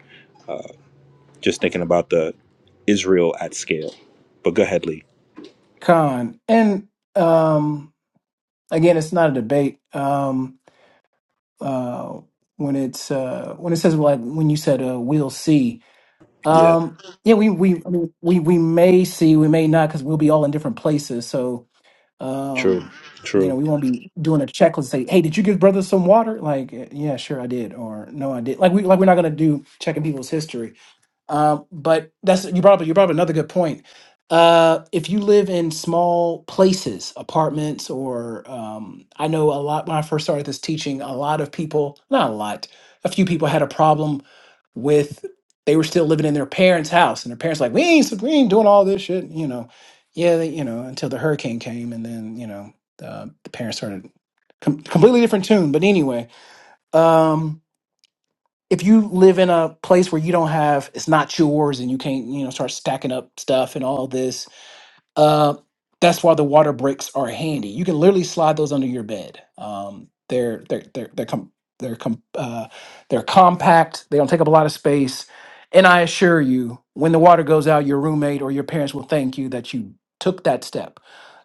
[SPEAKER 3] Just thinking about the Israel at scale. But go ahead, Lee.
[SPEAKER 1] con and um, again it's not a debate um, uh, when it's uh, when it says like when you said uh, we'll see
[SPEAKER 3] Yeah,
[SPEAKER 1] Um, yeah, we we I mean, we we may see, we may not, because we'll be all in different places. So,
[SPEAKER 3] true,
[SPEAKER 1] um, you know,
[SPEAKER 3] true.
[SPEAKER 1] we won't be doing a check and say, "Hey, did you give brother some water?" Like, yeah, sure, I did, or no, I did. Like we like we're not gonna do checking people's history. Um, but that's you brought up you brought up another good point. Uh, if you live in small places, apartments, or um, I know a lot when I first started this teaching, a lot of people, not a lot, a few people had a problem with they were still living in their parents' house, and their parents like we ain't we ain't doing all this shit, you know. Yeah, they, you know, until the hurricane came, and then you know uh, the parents started com- completely different tune. But anyway, um, if you live in a place where you don't have it's not yours and you can't you know start stacking up stuff and all this uh that's why the water breaks are handy you can literally slide those under your bed um they're they're they're they're com- they're com- uh, they're compact they don't take up a lot of space and i assure you when the water goes out your roommate or your parents will thank you that you took that step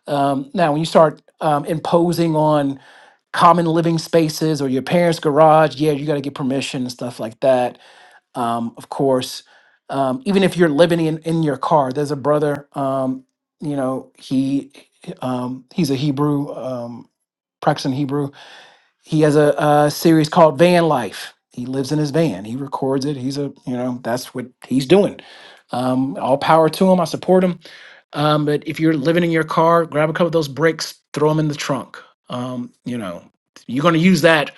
[SPEAKER 1] um, now when you start um, imposing on common living spaces or your parents garage yeah you got to get permission and stuff like that um, of course um, even if you're living in, in your car there's a brother um, you know he um, he's a hebrew um, practicing hebrew he has a, a series called Van Life. He lives in his van. He records it. He's a, you know, that's what he's doing. Um, all power to him. I support him. Um, but if you're living in your car, grab a couple of those brakes, throw them in the trunk. Um, you know, you're going to use that.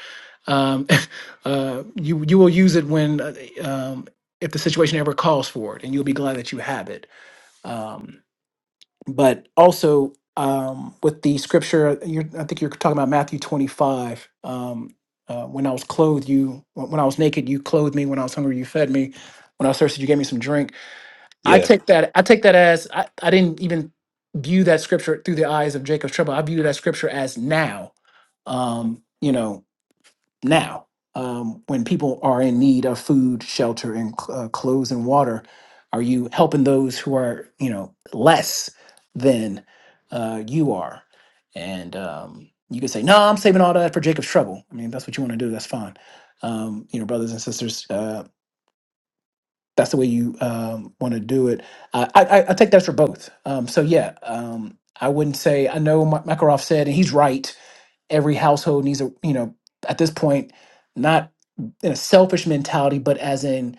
[SPEAKER 1] Um, uh, you you will use it when uh, um, if the situation ever calls for it, and you'll be glad that you have it. Um, but also um, with the scripture, uh, you're, I think you're talking about Matthew 25. Um, uh, when I was clothed, you when when I was naked, you clothed me. When I was hungry, you fed me. When I was thirsty, you gave me some drink. I
[SPEAKER 3] Yeah,
[SPEAKER 1] take that. I take that as I, I didn't even view that scripture through the eyes of Jacob's trouble. I view that scripture as now. Um, you know, now um, when people are in need of food shelter and cl- uh, clothes and water are you helping those who are you know less than uh, you are and um, you could say no i'm saving all that for jacob's trouble i mean if that's what you want to do that's fine um, you know brothers and sisters uh, that's the way you um, want to do it Uh, I, I, I take that for both um, so yeah um, i wouldn't say i know Ma- makarov said and he's right every household needs a you know at this point not in a selfish mentality but as in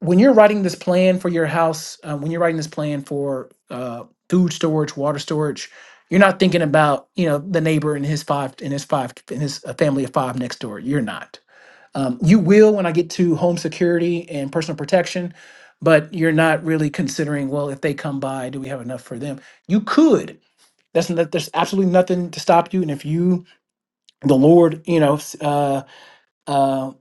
[SPEAKER 1] when you're writing this plan for your house um, when you're writing this plan for uh, food storage water storage you're not thinking about you know the neighbor and his five and his five and his uh, family of five next door you're not um, you will when i get to home security and personal protection but you're not really considering well if they come by do we have enough for them you could that's not, there's absolutely nothing to stop you and if you the Lord, you know, s- uh, uh,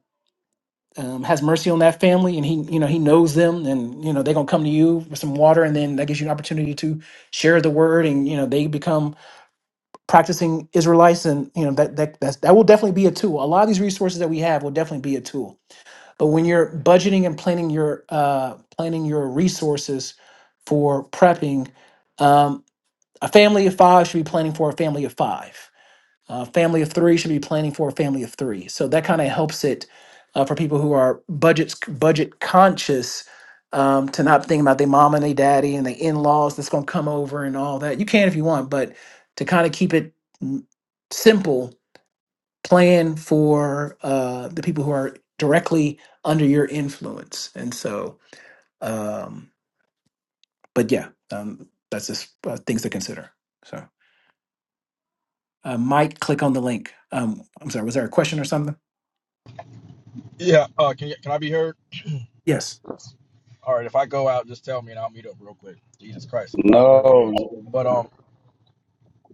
[SPEAKER 1] um, has mercy on that family, and He, you know, He knows them, and you know they're gonna come to you for some water, and then that gives you an opportunity to share the word, and you know they become practicing Israelites, and you know that that that's, that will definitely be a tool. A lot of these resources that we have will definitely be a tool. But when you're budgeting and planning your uh, planning your resources for prepping, um, a family of five should be planning for a family of five uh, family of three should be planning for a family of three. So that kind of helps it uh, for people who are budget budget conscious um, to not think about their mom and their daddy and their in laws that's going to come over and all that. You can if you want, but to kind of keep it mm, simple, plan for uh, the people who are directly under your influence. And so, um, but yeah, um, that's just uh, things to consider. So, uh, Mike, click on the link. Um, I'm sorry, was there a question or something?
[SPEAKER 4] Yeah. Uh, can you, can I be heard?
[SPEAKER 1] Yes.
[SPEAKER 4] All right. If I go out, just tell me and I'll meet up real quick. Jesus Christ, I'm driving near the
[SPEAKER 5] No,
[SPEAKER 4] woods. But um,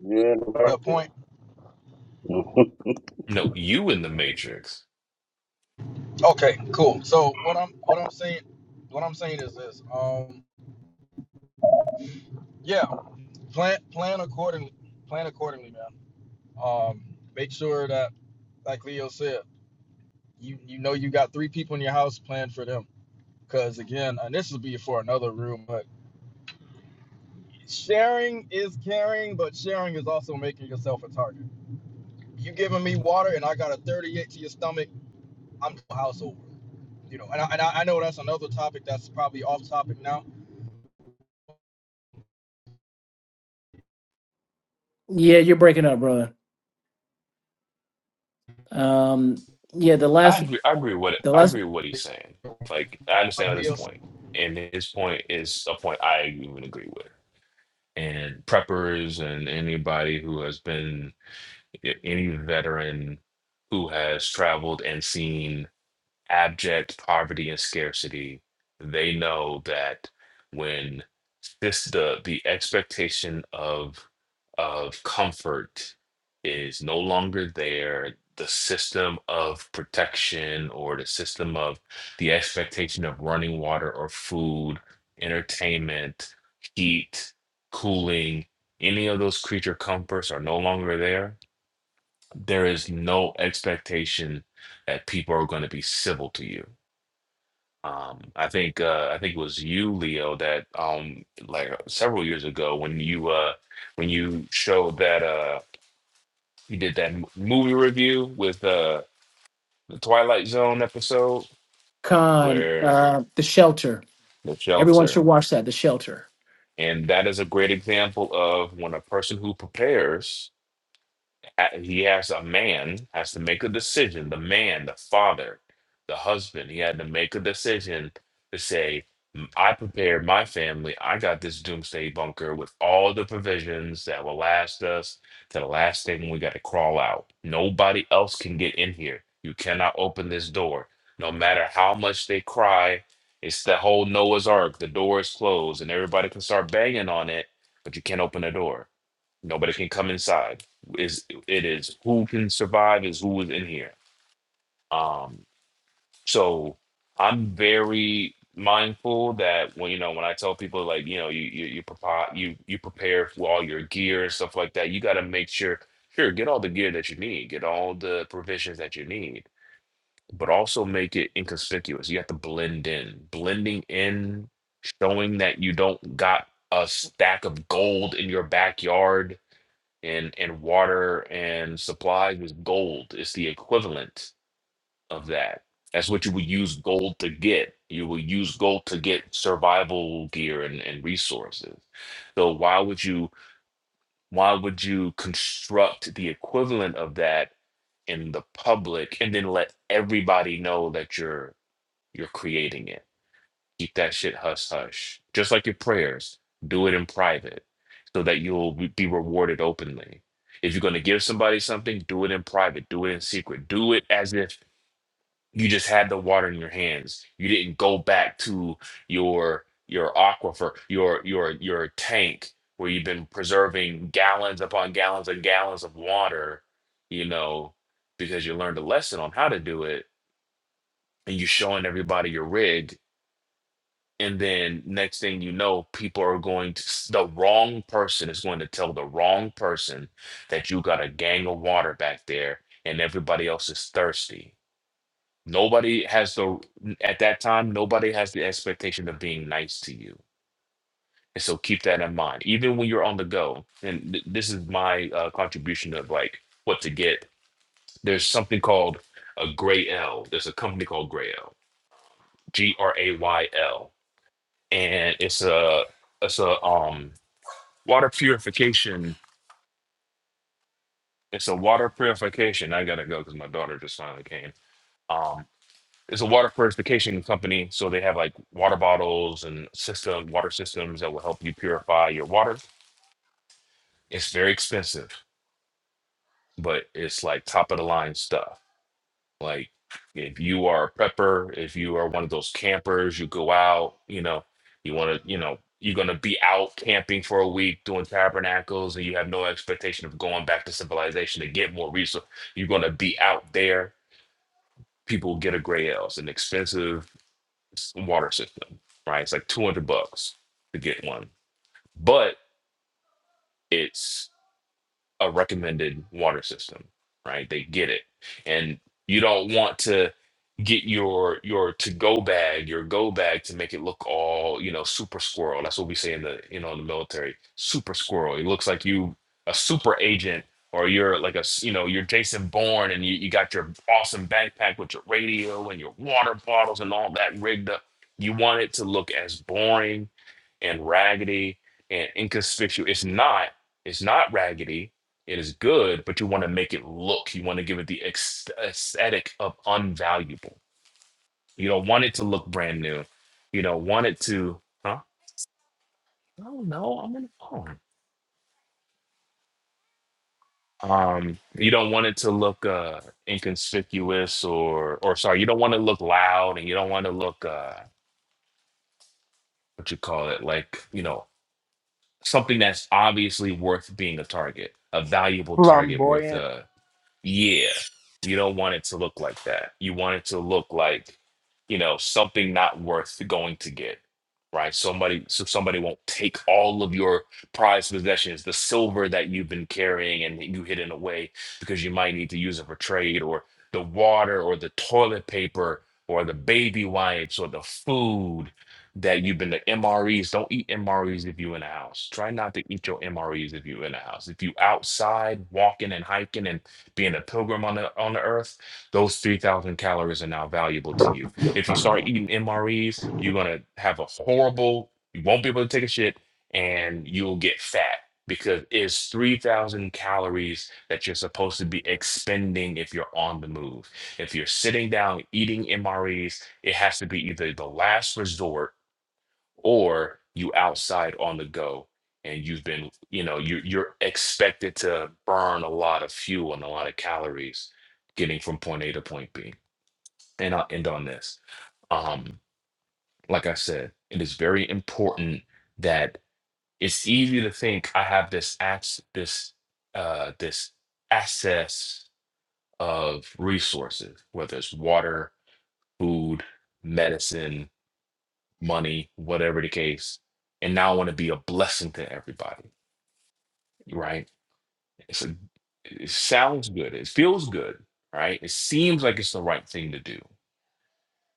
[SPEAKER 5] yeah, right.
[SPEAKER 4] the point.
[SPEAKER 7] No, you in the Matrix.
[SPEAKER 4] Okay, cool. So what I'm what I'm saying what I'm saying is this. Um, yeah, plan plan accordingly. Plan accordingly, man. Um, make sure that like Leo said. you you know you got three people in your house planned for them because again and this will be for another room but sharing is caring but sharing is also making yourself a target you giving me water and i got a 38 to your stomach i'm the house over you know and I, and I know that's another topic that's probably off topic now
[SPEAKER 1] Yeah, you're breaking up, brother. Um, yeah, the
[SPEAKER 7] I
[SPEAKER 1] last
[SPEAKER 7] agree. I agree what
[SPEAKER 1] the
[SPEAKER 7] I
[SPEAKER 1] last
[SPEAKER 7] agree with what he's saying. Like I
[SPEAKER 4] like
[SPEAKER 7] understand his
[SPEAKER 4] Neil
[SPEAKER 7] point, and his point is a point I even agree with. And preppers and anybody who has been any veteran who has traveled and seen abject poverty and scarcity, they know that when this the the expectation of of comfort is no longer there, the system of protection or the system of the expectation of running water or food, entertainment, heat, cooling, any of those creature comforts are no longer there. There is no expectation that people are going to be civil to you um, I think uh, I think it was you, Leo, that um, like uh, several years ago when you uh, when you showed that uh, you did that m- movie review with uh, the Twilight Zone episode
[SPEAKER 1] con,
[SPEAKER 7] where
[SPEAKER 1] uh, the shelter.
[SPEAKER 7] the
[SPEAKER 1] Everyone
[SPEAKER 7] shelter,
[SPEAKER 1] should watch that. The shelter.
[SPEAKER 7] and that is a great example of when a person who prepares he has a man has to make a decision the man the father the husband he had to make a decision to say "M- i prepared my family i got this doomsday bunker with all the provisions that will last us to the last thing we got to crawl out nobody else can get in here you cannot open this door no matter how much they cry it's the whole noah's ark the door is closed and everybody can start banging on it but you can't open the door Nobody can come inside. Is it is who can survive is who is in here. Um, so I'm very mindful that when you know when I tell people like you know you you you prepare you you prepare for all your gear and stuff like that. You got to make sure sure get all the gear that you need, get all the provisions that you need, but also make it inconspicuous. You have to blend in, blending in, showing that you don't got a stack of gold in your backyard and and water and supplies is gold. It's the equivalent of that. That's what you would use gold to get. You will use gold to get survival gear and, and resources. So why would you why would you construct the equivalent of that in the public and then let everybody know that you're you're creating it? keep that shit hush hush. Just like your prayers, do it in private so that you'll be be rewarded openly. If you're going to give somebody something, do it in private, do it in secret, do it as if you just had the water in your hands. You didn't go back to your your aquifer, your your your tank where you've been preserving gallons upon gallons and gallons of water, you know, because you learned a lesson on how to do it and you're showing everybody your rig and then next thing you know, people are going to, s- the wrong person is going to tell the wrong person that you got a gang of water back there and everybody else is thirsty. Nobody has the, at that time, nobody has the expectation of being nice to you. And so keep that in mind. Even when you're on the go, and th- this is my uh, contribution of like what to get, there's something called a Gray L. There's a company called Gray L, G R A Y L. And it's a, it's a, um, water purification. It's a water purification. I gotta go because my daughter just finally came. Um, it's a water purification company, so they have like water bottles and system water systems that will help you purify your water. It's very expensive, but it's like top of the line stuff. Like if you are a prepper, if you are one of those campers, you go out, you know, you want to, you know, you're going to be out camping for a week doing tabernacles and you have no expectation of going back to civilization to get more resources. You're going to be out there. People get a gray ale. It's an expensive s- water system, right? It's like 200 bucks to get one, but it's a recommended water system, right? They get it. And you don't want to get your your to go bag, your go bag to make it look all, you know, super squirrel. That's what we say in the, you know, in the military, super squirrel. It looks like you a super agent or you're like a, s- you know, you're Jason Bourne and you, you got your awesome backpack with your radio and your water bottles and all that rigged up. You want it to look as boring and raggedy and inconspicuous. It's not. It's not raggedy it is good, but you want to make it look. You want to give it the ex- aesthetic of unvaluable. You don't want it to look brand new. You don't want it to, huh? No, no, I'm on the phone. Um, you don't want it to look uh inconspicuous or or sorry, you don't want to look loud and you don't want to look uh what you call it, like, you know, something that's obviously worth being a target, a valuable target worth
[SPEAKER 6] flamboyant.
[SPEAKER 7] uh Yeah. You don't want it to look like that. You want it to look like, you know, something not worth going to get. Right. Somebody so somebody won't take all of your prized possessions, the silver that you've been carrying and that you hidden away because you might need to use it for trade, or the water or the toilet paper or the baby wipes or the food that you've been the MREs. Don't eat MREs if you're in a house. Try not to eat your MREs if you're in a house. If you outside walking and hiking and being a pilgrim on the on the earth, those 3,000 calories are now valuable to you. If you start eating MREs, you're gonna have a horrible, you won't be able to take a shit and you'll get fat because it's 3,000 calories that you're supposed to be expending if you're on the move. If you're sitting down eating MREs, it has to be either the last resort or you outside on the go and you've been you know you you're expected to burn a lot of fuel and a lot of calories getting from point A to point B. And I'll end on this. Um like I said, it is very important that it's easy to think I have this ac- this uh this access of resources, whether it's water, food, medicine, money, whatever the case. And now I want to be a blessing to everybody, right? It's a, it sounds good. It feels good, right? It seems like it's the right thing to do.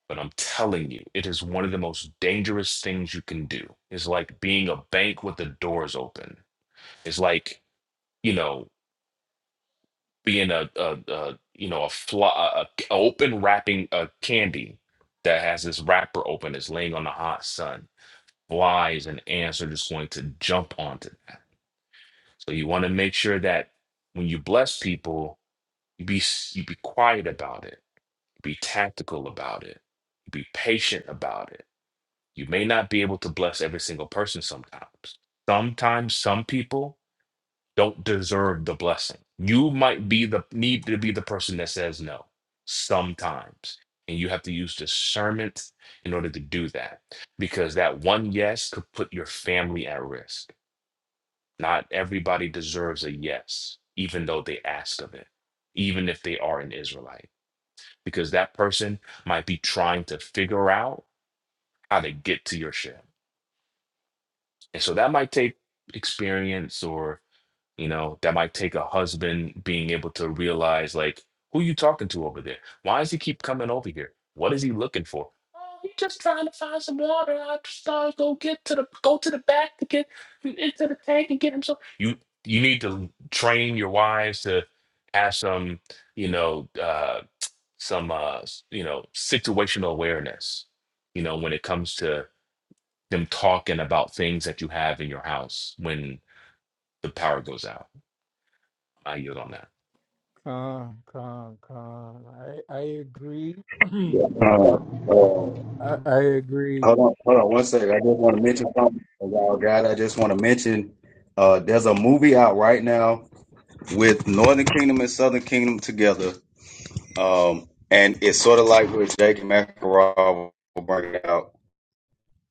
[SPEAKER 7] But I'm telling you, it is one of the most dangerous things you can do. It's like being a bank with the doors open. It's like, you know, being a, a, a you know, a, fly, a, a open wrapping a candy that has this wrapper open, It's laying on the hot sun. Flies and ants are just going to jump onto that So you want to make sure that when you bless people, you be s- you be quiet about it, be tactical about it, be patient about it. You may not be able to bless every single person sometimes. Sometimes some people don't deserve the blessing. You might be the need to be the person that says no sometimes. And you have to use discernment in order to do that because that one yes could put your family at risk not everybody deserves a yes, even though they ask of it, even if they are an Israelite, because that person might be trying to figure out how to get to your ship. And so that might take experience or. You know, that might take a husband being able to realize, like, who you talking to over there? Why does he keep coming over here? What is he looking for? Oh, he's just trying to find some water. I just thought I'd go get to the go to the back to get into the tank and get him some. You you need to train your wives to have some, you know, uh, some uh, s- you know, situational awareness. You know, when it comes to them talking about things that you have in your house when the power goes out. I yield on that.
[SPEAKER 6] Con, con, con. I I agree. I
[SPEAKER 5] Uh, Uh,
[SPEAKER 6] I agree.
[SPEAKER 5] Hold on, hold on one second. I just want to mention something about God. I just want to mention uh, there's a movie out right now with Northern Kingdom and Southern Kingdom together. Um, and it's sort of like what Jake McElraw will bring out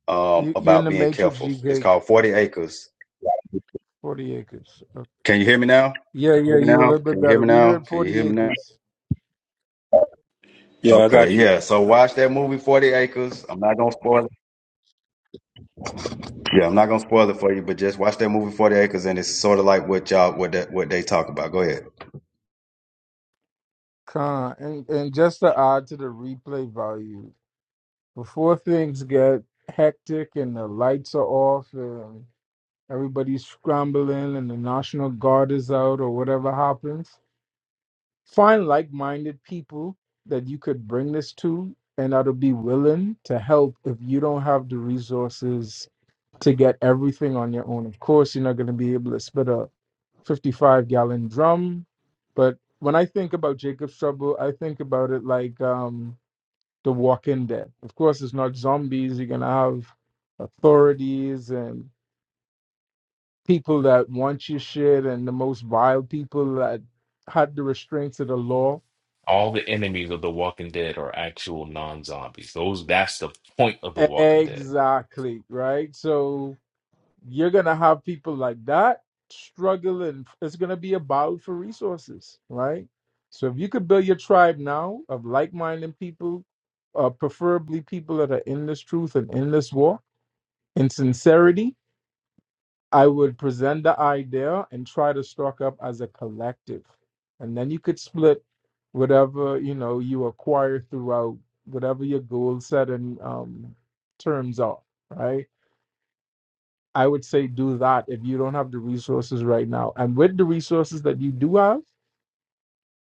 [SPEAKER 5] um,
[SPEAKER 6] You you in
[SPEAKER 5] about
[SPEAKER 6] the
[SPEAKER 5] being
[SPEAKER 6] matrix,
[SPEAKER 5] careful. It's
[SPEAKER 6] GK.
[SPEAKER 5] called 40 Acres.
[SPEAKER 6] Forty acres. Okay.
[SPEAKER 5] Can you hear me now?
[SPEAKER 6] Yeah,
[SPEAKER 5] Hear
[SPEAKER 6] yeah.
[SPEAKER 5] me
[SPEAKER 6] You a
[SPEAKER 5] now?
[SPEAKER 6] little bit
[SPEAKER 5] Can you hear
[SPEAKER 6] better.
[SPEAKER 5] me
[SPEAKER 6] We
[SPEAKER 5] now?
[SPEAKER 6] heard
[SPEAKER 5] Can you
[SPEAKER 6] forty
[SPEAKER 5] hear me now?
[SPEAKER 6] acres.
[SPEAKER 3] Yeah, I
[SPEAKER 5] Okay,
[SPEAKER 3] got you.
[SPEAKER 5] yeah. So
[SPEAKER 3] I,
[SPEAKER 5] watch that movie 40 Acres. I'm not gonna spoil it. Yeah, I'm not gonna spoil it for you, but just watch that movie 40 Acres and it's sort of like what y'all what that what they talk about. Go ahead.
[SPEAKER 6] Con and and just to add to the replay value, before things get hectic and the lights are off and. Everybody's scrambling, and the National Guard is out, or whatever happens. Find like minded people that you could bring this to and that'll be willing to help if you don't have the resources to get everything on your own. Of course, you're not going to be able to spit a 55 gallon drum. But when I think about Jacob's Trouble, I think about it like um, The Walking Dead. Of course, it's not zombies. You're going to have authorities and people that want your shit and the most vile people that had the restraints of the law.
[SPEAKER 7] All the enemies of The Walking Dead are actual non-zombies. Those that's the point of The Walking Dead.
[SPEAKER 6] Exactly, right? So you're gonna have people like that struggling. It's gonna be a battle for resources, right? So if you could build your tribe now of like-minded people, uh, preferably people that are in this truth and in this war, in sincerity, I would present the idea and try to stock up as a collective. And then you could split whatever, you know, you acquire throughout whatever your goal setting um, terms are, right? I would say do that if you don't have the resources right now. And with the resources that you do have,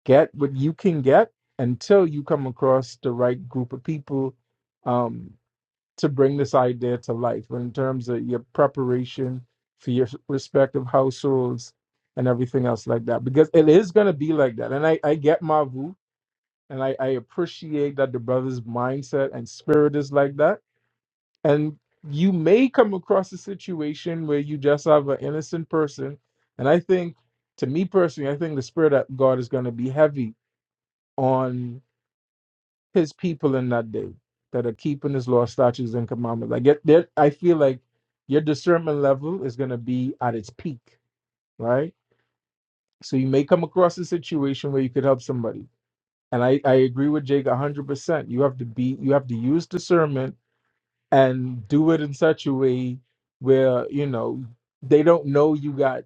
[SPEAKER 6] get what you can get until you come across the right group of people um, to bring this idea to life in terms of your preparation for your respective households and everything else like that because it is going to be like that and i, I get Mavu, and I, I appreciate that the brother's mindset and spirit is like that and you may come across a situation where you just have an innocent person and i think to me personally i think the spirit of god is going to be heavy his people in that day that are keeping his law, statutes, and commandments. I get there. I feel like your discernment level is going to be at its peak, right? So you may come across a situation where you could help somebody. And I, I agree with Jake 100%. You have to be, you have to use discernment and do it in such a way where, you know, they don't know you got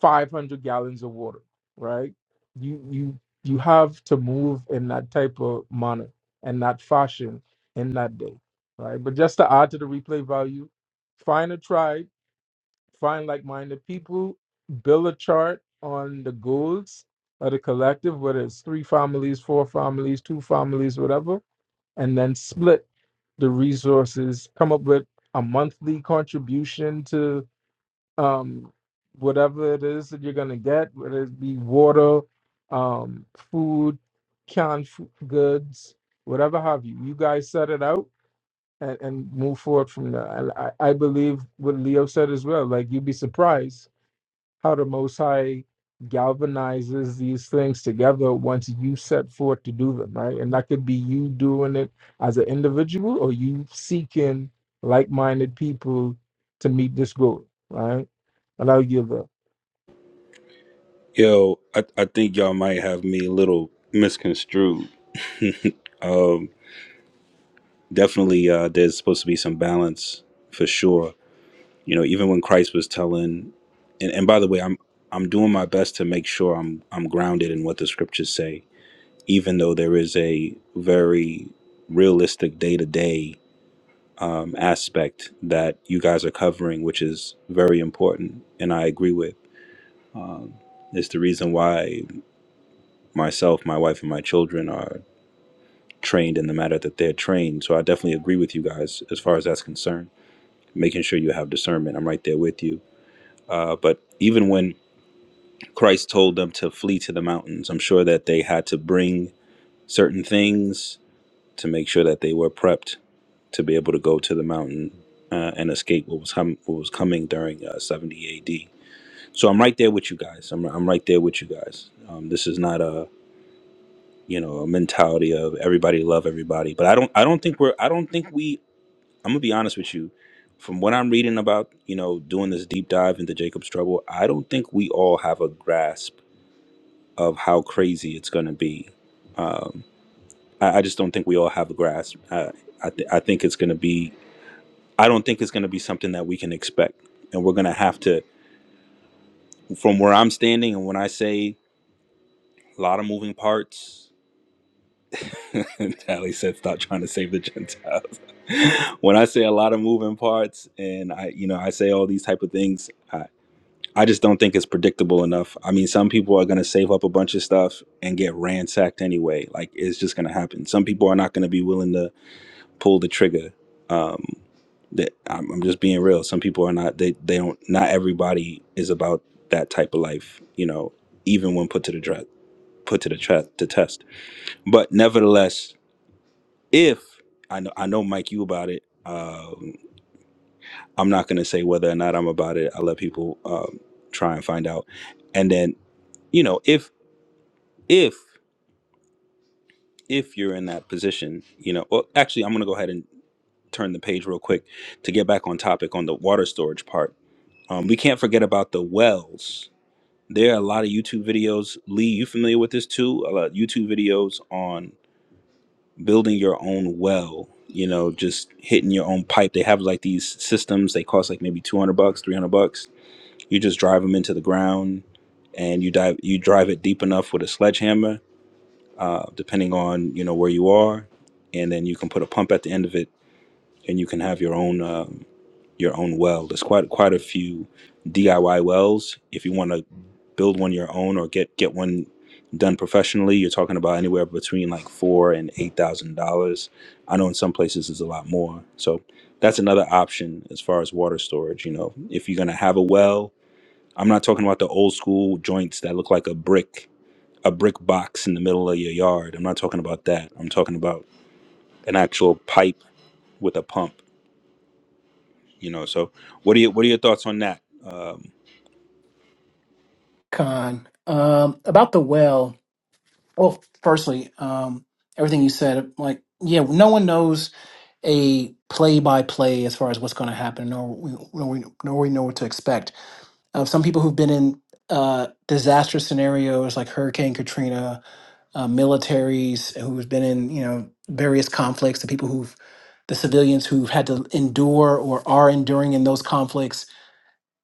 [SPEAKER 6] 500 gallons of water right you you you have to move in that type of manner and that fashion in that day right but just to add to the replay value find a tribe find like-minded people build a chart on the goals of the collective whether it's three families four families two families whatever and then split the resources come up with a monthly contribution to um, whatever it is that you're gonna get, whether it be water, um, food, canned food, goods, whatever have you. You guys set it out and, and move forward from there. And I, I believe what Leo said as well. Like you'd be surprised how the Most High galvanizes these things together once you set forth to do them, right? And that could be you doing it as an individual or you seeking like minded people to meet this goal, right? And I'll give up.
[SPEAKER 3] yo, I, I think y'all might have me a little misconstrued. definitely. Uh, there's supposed to be some balance for sure. You know, even when Christ was telling, and, and by the way, I'm I'm doing my best to make sure I'm I'm grounded in what the scriptures say, even though there is a very realistic day to day um aspect that you guys are covering, which is very important, and I agree with. Um, it's the reason why myself, my wife, and my children are trained in the matter that they're trained. So I definitely agree with you guys as far as that's concerned. Making sure you have discernment, I'm right there with you. Uh, but even when Christ told them to flee to the mountains. I'm sure that they had to bring certain things to make sure that they were prepped to be able to go to the mountain uh, and escape what was hum- what was coming during uh, 70 AD. So I'm right there with you guys. I'm I'm right there with you guys. Um, this is not a you know a mentality of everybody love everybody, but I don't I don't think we're I don't think we I'm gonna be honest with you. From what I'm reading about, you know, doing this deep dive into Jacob's trouble, I don't think we all have a grasp of how crazy it's going to be. Um, I, I just don't think we all have a grasp. I I, th- I think it's going to be. I don't think it's going to be something that we can expect, and we're going to have to. From where I'm standing, and when I say a lot of moving parts, Tally said, "Stop trying to save the Gentiles." when I say a lot of moving parts, and I, you know, I say all these type of things. I, I just don't think it's predictable enough. I mean, some people are going to save up a bunch of stuff and get ransacked anyway. Like it's just going to happen. Some people are not going to be willing to pull the trigger. Um, that I'm, I'm just being real. Some people are not. They they don't. Not everybody is about that type of life. You know, even when put to the dre- put to the tre- to test. But nevertheless, if I know I know Mike, you about it. Um, I'm not going to say whether or not I'm about it. I let people um, try and find out. And then you know if if if you're in that position you know well, actually i'm going to go ahead and turn the page real quick to get back on topic on the water storage part um, we can't forget about the wells there are a lot of youtube videos lee you familiar with this too a lot of youtube videos on building your own well you know just hitting your own pipe they have like these systems they cost like maybe 200 bucks 300 bucks you just drive them into the ground and you dive you drive it deep enough with a sledgehammer uh, depending on you know where you are, and then you can put a pump at the end of it, and you can have your own um, your own well. There's quite quite a few DIY wells. If you want to build one your own or get get one done professionally, you're talking about anywhere between like four and eight thousand dollars. I know in some places it's a lot more. So that's another option as far as water storage. You know, if you're gonna have a well, I'm not talking about the old school joints that look like a brick a brick box in the middle of your yard. I'm not talking about that. I'm talking about an actual pipe with a pump. You know. So what are you what are your thoughts on that?
[SPEAKER 1] Con. Um, about the well. Well, firstly, um, everything you said, like, yeah, no one knows a play by play as far as what's going to happen, nor we, nor we, nor we know what to expect. Uh, some people who've been in uh, disaster scenarios like Hurricane Katrina, uh, militaries who've been in, you know, various conflicts, the people who've, the civilians who've had to endure or are enduring in those conflicts,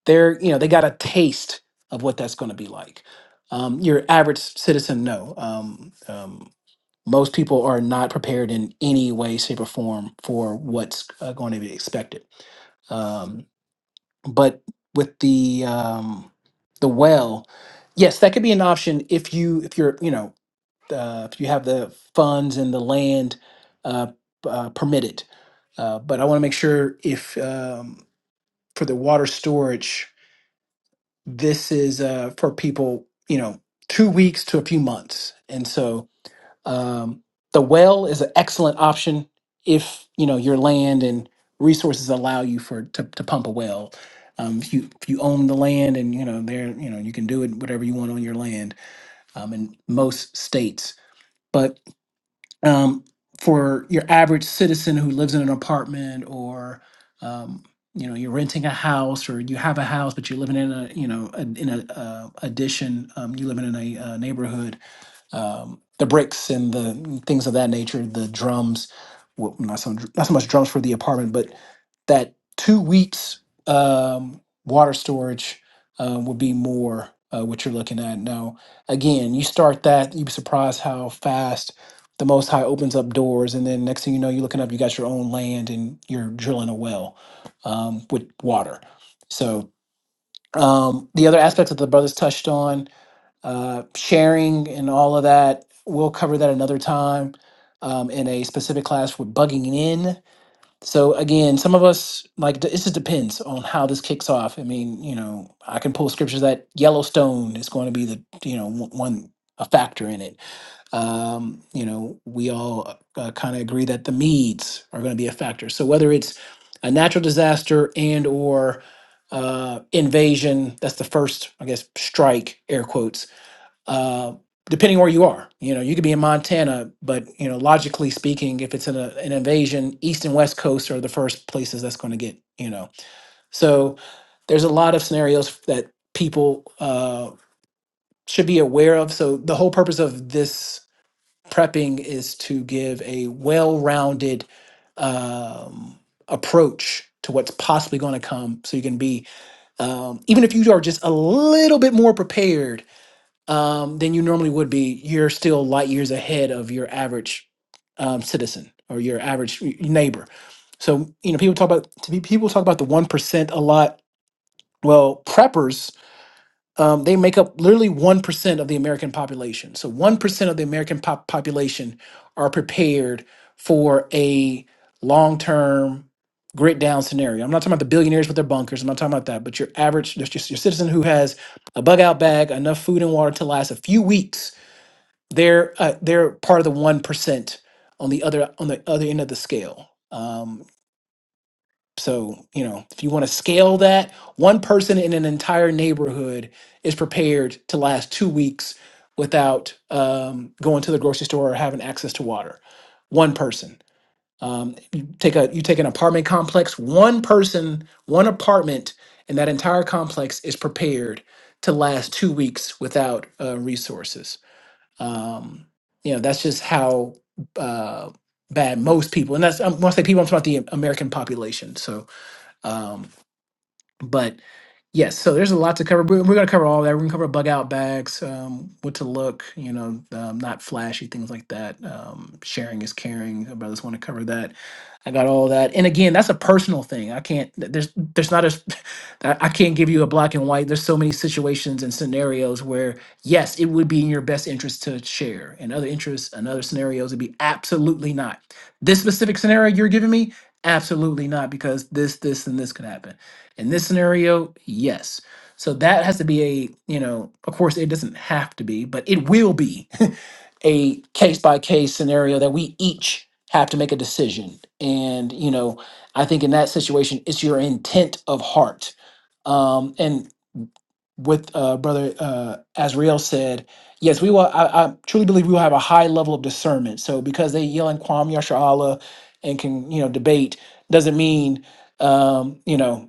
[SPEAKER 1] they're, you know, they got a taste of what that's going to be like. Um, your average citizen, no. Um, um, most people are not prepared in any way, shape, or form for what's uh, going to be expected. Um, but with the um, the well, yes, that could be an option if you if you're you know uh, if you have the funds and the land uh, uh, permitted. Uh, but I want to make sure if um, for the water storage, this is uh, for people you know two weeks to a few months, and so um, the well is an excellent option if you know your land and resources allow you for to, to pump a well. Um, if you if you own the land and you know there you know you can do it whatever you want on your land um, in most states. But um, for your average citizen who lives in an apartment or um, you know you're renting a house or you have a house but you're living in a you know a, in a uh, addition um, you live in a uh, neighborhood um, the bricks and the things of that nature, the drums, well, not so, not so much drums for the apartment, but that two weeks um, water storage uh, would be more uh, what you're looking at. Now, again, you start that, you'd be surprised how fast the Most High opens up doors, and then next thing you know, you're looking up, you got your own land, and you're drilling a well um, with water. So um, the other aspects that the brothers touched on uh, sharing and all of that. We'll cover that another time um, in a specific class with bugging in. So again, some of us like it just depends on how this kicks off. I mean, you know, I can pull scriptures that Yellowstone is going to be the you know one one- a factor in it. Um, you know, we all uh, kind of agree that the Medes are going to be a factor. So whether it's a natural disaster and or uh, invasion, that's the first, I guess, strike air quotes uh, depending where you are. You know, you could be in Montana, but you know, logically speaking, if it's an, uh, an invasion, East and West Coast are the first places that's going to get. You know, so there's a lot of scenarios that people uh, should be aware of. So the whole purpose of this prepping is to give a well-rounded um, approach to what's possibly going to come, so you can be um, even if you are just a little bit more prepared um, than you normally would be, you're still light years ahead of your average um, citizen or your average y- neighbor. So you know, people talk about to be, people talk about the one percent a lot. Well, preppers um, they make up literally one percent of the American population. So one percent of the American pop- population are prepared for a long-term grit down scenario. I'm not talking about the billionaires with their bunkers. I'm not talking about that. But your average, just your, your citizen who has a bug out bag, enough food and water to last a few weeks they're uh, they're part of the one percent on the other on the other end of the scale. Um, so you know, if you want to scale that, one person in an entire neighborhood is prepared to last two weeks without um, going to the grocery store or having access to water. One person. Um, you take a you take an apartment complex. One person, one apartment, in that entire complex is prepared to last two weeks without uh, resources. Um, you know, that's just how uh, bad most people, and that's um, when I say people, I'm talking about the American population. So, um, but yes, so there's a lot to cover. We're, we're going to cover all that. We're going to cover bug out bags, um, what to look, you know, um, not flashy things like that. Um, sharing is caring. I brothers want to cover that. I got all that. And again, that's a personal thing. I can't. th- There's there's not a. s- I I can't give you a black and white. There's so many situations and scenarios where yes, it would be in your best interest to share, and other interests and other scenarios would be absolutely not. This specific scenario you're giving me, absolutely not, because this, this, and this could happen in this scenario, yes. So that has to be a, you know, of course it doesn't have to be, but it will be a case by case scenario that we each have to make a decision. And, you know, I think in that situation, it's your intent of heart. Um, and with uh, Brother uh, Azrael said, yes, we will, I, I truly believe we will have a high level of discernment. So because they yell and Kwam Yasha Allah and can, you know, debate doesn't mean, um, you know,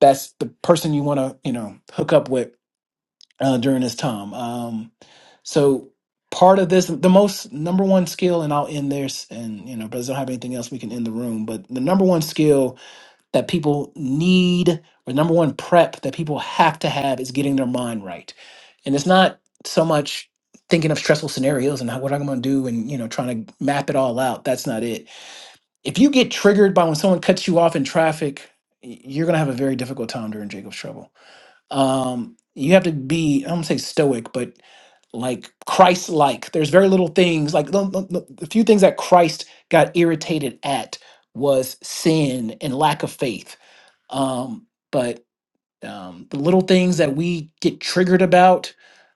[SPEAKER 1] that's the person you want to you know hook up with uh, during this time um so part of this the most number one skill and i'll end this and you know brothers don't have anything else we can end the room but the number one skill that people need or number one prep that people have to have is getting their mind right and it's not so much thinking of stressful scenarios and how, what i'm going to do and you know trying to map it all out that's not it if you get triggered by when someone cuts you off in traffic y- you're going to have a very difficult time during jacob's trouble um you have to be i don't say stoic but like christ like there's very little things like the, the, the few things that christ got irritated at was sin and lack of faith um but um, the little things that we get triggered about.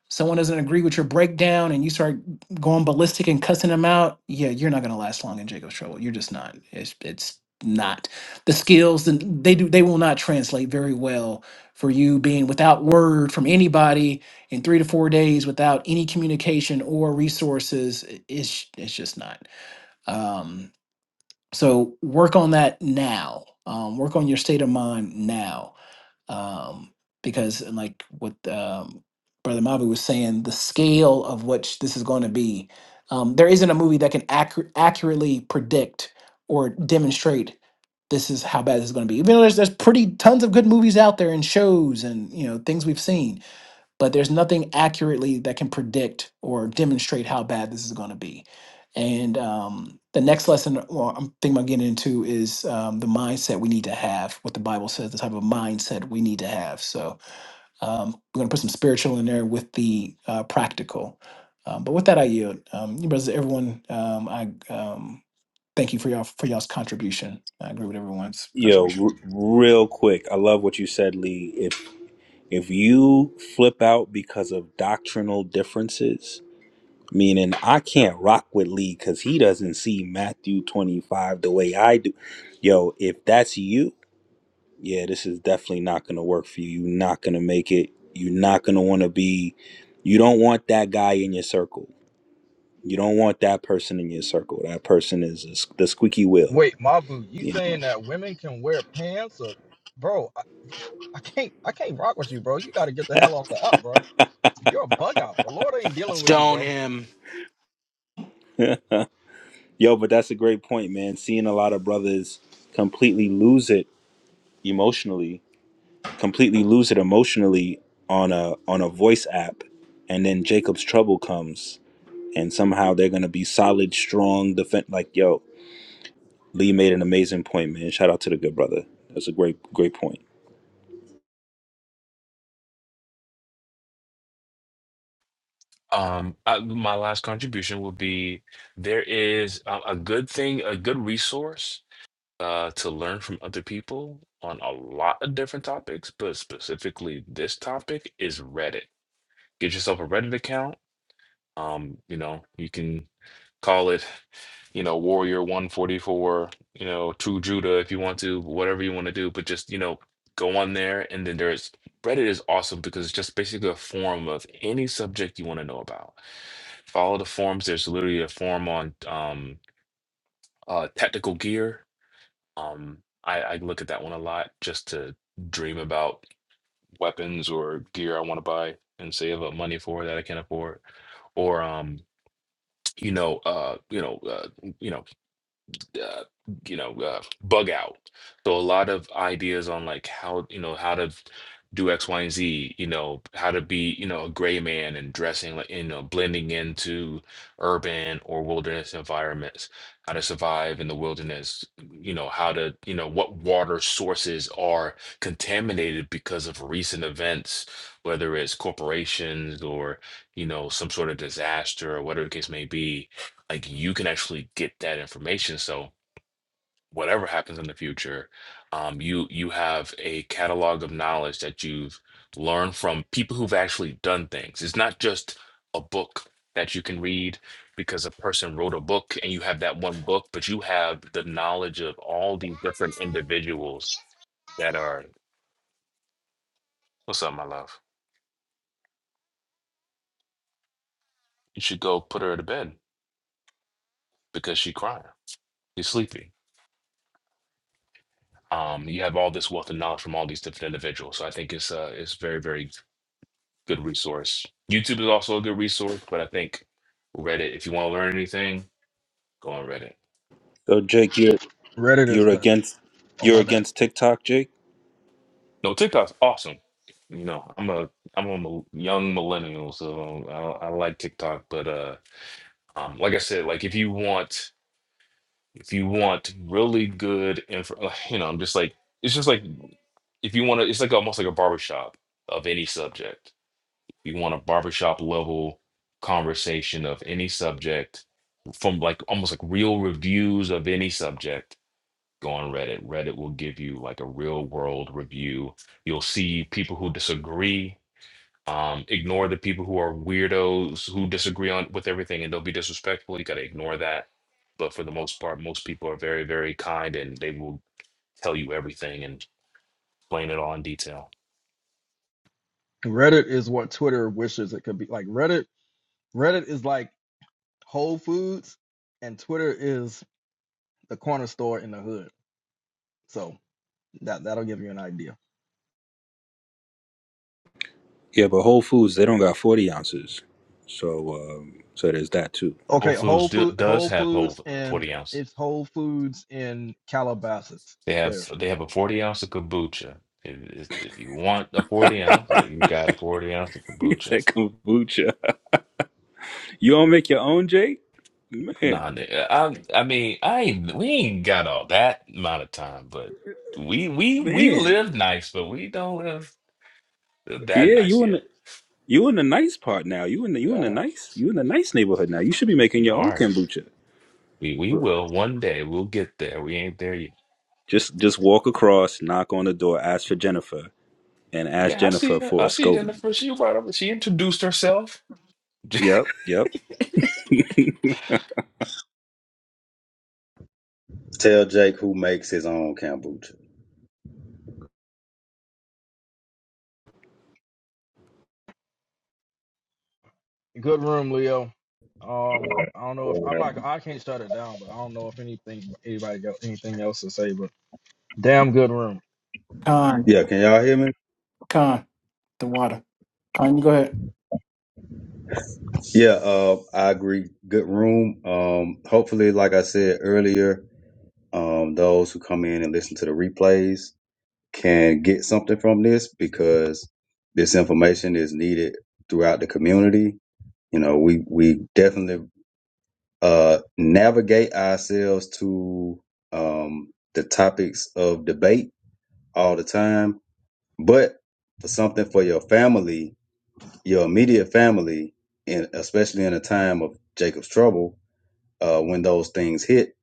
[SPEAKER 1] Someone doesn't agree with your breakdown, and you start going ballistic and cussing them out. Yeah, you're not going to last long in Jacob's trouble. You're just not. It's it's not the skills. the- They do. They will not translate very well for you being without word from anybody in three to four days without any communication or resources. i- It's it's just not. Um, so work on that now. Um, work on your state of mind now um, because and like what um, brother Mavi was saying, the scale of which this is going to be, um, there isn't a movie that can accu- accurately predict or demonstrate this is how bad this is going to be. Even though there's there's pretty tons of good movies out there and shows and you know things we've seen, but there's nothing accurately that can predict or demonstrate how bad this is going to be. And um, the next lesson well, I'm thinking about getting into is um, the mindset we need to have, what the Bible says, the type of mindset we need to have. So um, we're going to put some spiritual in there with the uh, practical. Um, but with that, I yield. Um, you brothers, everyone, um, I um, Thank you for y'all for y'all's contribution. I agree with everyone's
[SPEAKER 3] Yo,
[SPEAKER 1] contribution.
[SPEAKER 3] r- real quick. I love what you said, Lee. If if you flip out because of doctrinal differences, meaning I can't rock with Lee because he doesn't see Matthew 25 the way I do. Yo, if that's you. yeah, this is definitely not going to work for you. You're not going to make it. You're not going to want to be, you don't want that guy in your circle. You don't want that person in your circle. That person is a s the squeaky wheel,
[SPEAKER 4] wait mabu you
[SPEAKER 3] you
[SPEAKER 4] saying that women can wear pants or bro I, I can't i can't rock with you bro you got to get the hell off the up bro you're a bug out the lord ain't dealing with you
[SPEAKER 2] Stone
[SPEAKER 4] bro
[SPEAKER 2] him
[SPEAKER 3] know. Yo, but that's a great point, man. Seeing a lot of brothers completely lose it emotionally, completely lose it emotionally on a on a voice app, and then Jacob's trouble comes, and somehow they're gonna be solid, strong, defend. Like, yo, Lee made an amazing point, man. Shout out to the good brother. That's a great, great point.
[SPEAKER 7] Um, I, my last contribution would be there is a, a good thing, a good resource uh, to learn from other people on a lot of different topics, but specifically this topic is Reddit. Get yourself a Reddit account. Um, you know, you can. call it, you know, Warrior 144, you know, True Judah if you want to, whatever you want to do, but just, you know, go on there. And then there's Reddit is awesome because it's just basically a forum of any subject you want to know about. Follow the forums. There's literally a forum on um, uh, technical gear. Um, I, I look at that one a lot just to dream about weapons or gear I want to buy and save up money for that I can afford, or um, you know, uh, you know, uh, you know. uh, you know uh, bug out so a lot of ideas on like how you know how to do x y and z you know how to be you know a gray man and dressing like you know blending into urban or wilderness environments how to survive in the wilderness you know how to you know what water sources are contaminated because of recent events whether it's corporations or you know some sort of disaster or whatever the case may be like you can actually get that information so whatever happens in the future, um, you you have a catalog of knowledge that you've learned from people who've actually done things. It's not just a book that you can read because a person wrote a book and you have that one book, but you have the knowledge of all these different individuals that are. What's up, my love? You should go put her to bed because she's crying. She's sleepy. Um, you have all this wealth of knowledge from all these different individuals. So I think it's uh, it's very very good resource. YouTube is also a good resource, but I think Reddit, if you want to learn anything, go on Reddit.
[SPEAKER 3] So Jake, you're
[SPEAKER 4] reddit is
[SPEAKER 3] you're
[SPEAKER 4] the
[SPEAKER 3] against
[SPEAKER 4] oh
[SPEAKER 3] you're
[SPEAKER 4] my bad
[SPEAKER 3] against TikTok, Jake?
[SPEAKER 7] No, TikTok's awesome. You know, I'm a I'm a mil- young millennial, so I, I like TikTok. But uh, um, like I said, like if you want if you want really good info, uh, you know, I'm just like it's just like if you want to, it's like almost like a barbershop of any subject. you want a barbershop level conversation of any subject from like almost like real reviews of any subject go on Reddit. Reddit will give you like a real world review. You'll see people who disagree. Um, ignore the people who are weirdos who disagree on with everything and they'll be disrespectful. You gotta ignore that. But for the most part, most people are very, very kind and they will tell you everything and explain it all in detail.
[SPEAKER 4] Reddit is what Twitter wishes it could be. Like Reddit, Reddit is like Whole Foods, and Twitter is the corner store in the hood. So that that'll give you an idea.
[SPEAKER 3] Yeah, but Whole Foods they don't got forty ounces, so um, so there's that too.
[SPEAKER 7] Whole
[SPEAKER 4] Okay,
[SPEAKER 7] Foods
[SPEAKER 4] Whole
[SPEAKER 7] do,
[SPEAKER 4] Food,
[SPEAKER 7] does
[SPEAKER 4] Whole
[SPEAKER 7] have whole
[SPEAKER 4] Foods, and
[SPEAKER 7] 40 ounces.
[SPEAKER 4] it's Whole Foods in Calabasas.
[SPEAKER 7] They have
[SPEAKER 4] There,
[SPEAKER 7] they have a 40 ounce of kombucha. If, if if you want a 40 ounce, uh, you got a 40 ounce of
[SPEAKER 3] It's that
[SPEAKER 7] kombucha.
[SPEAKER 3] kombucha. You don't make your own, Jake? Man,
[SPEAKER 7] Nah, nigga. I I mean, I ain't we ain't got all that amount of time, but we we we
[SPEAKER 3] man.
[SPEAKER 7] live nice, but we don't live that
[SPEAKER 3] Yeah,
[SPEAKER 7] nice
[SPEAKER 3] you in
[SPEAKER 7] yet.
[SPEAKER 3] the you in the nice part now. You in the
[SPEAKER 7] We
[SPEAKER 3] you in the
[SPEAKER 7] are.
[SPEAKER 3] nice you in the nice neighborhood now. You should be making
[SPEAKER 7] We
[SPEAKER 3] your own
[SPEAKER 7] are.
[SPEAKER 3] kombucha.
[SPEAKER 7] We we will one day. We'll get there. We ain't there yet.
[SPEAKER 3] Just just walk across, knock on the door, ask for Jennifer, and ask
[SPEAKER 7] Yeah, I see.
[SPEAKER 3] Jennifer for a
[SPEAKER 7] I see
[SPEAKER 3] scoby.
[SPEAKER 7] Jennifer. She brought up. She introduced herself.
[SPEAKER 3] Yep, yep. Yeah,
[SPEAKER 5] Tell Jake who makes his own kombucha.
[SPEAKER 4] good room, Leo. Um, I don't know if I'm not. I can't shut it down, but I don't know if anything anybody got anything else to say. But damn good room.
[SPEAKER 1] Khan,
[SPEAKER 5] Yeah, can y'all hear me?
[SPEAKER 1] Khan, the water. Khan, you go ahead.
[SPEAKER 5] Yeah, uh, I agree. Good room. Um, hopefully, like I said earlier, um, those who come in and listen to the replays can get something from this because this information is needed throughout the community. You know, we we definitely uh, navigate ourselves to um, the topics of debate all the time, but for something for your family your immediate family, and especially in a time of Jacob's trouble, uh, when those things hit,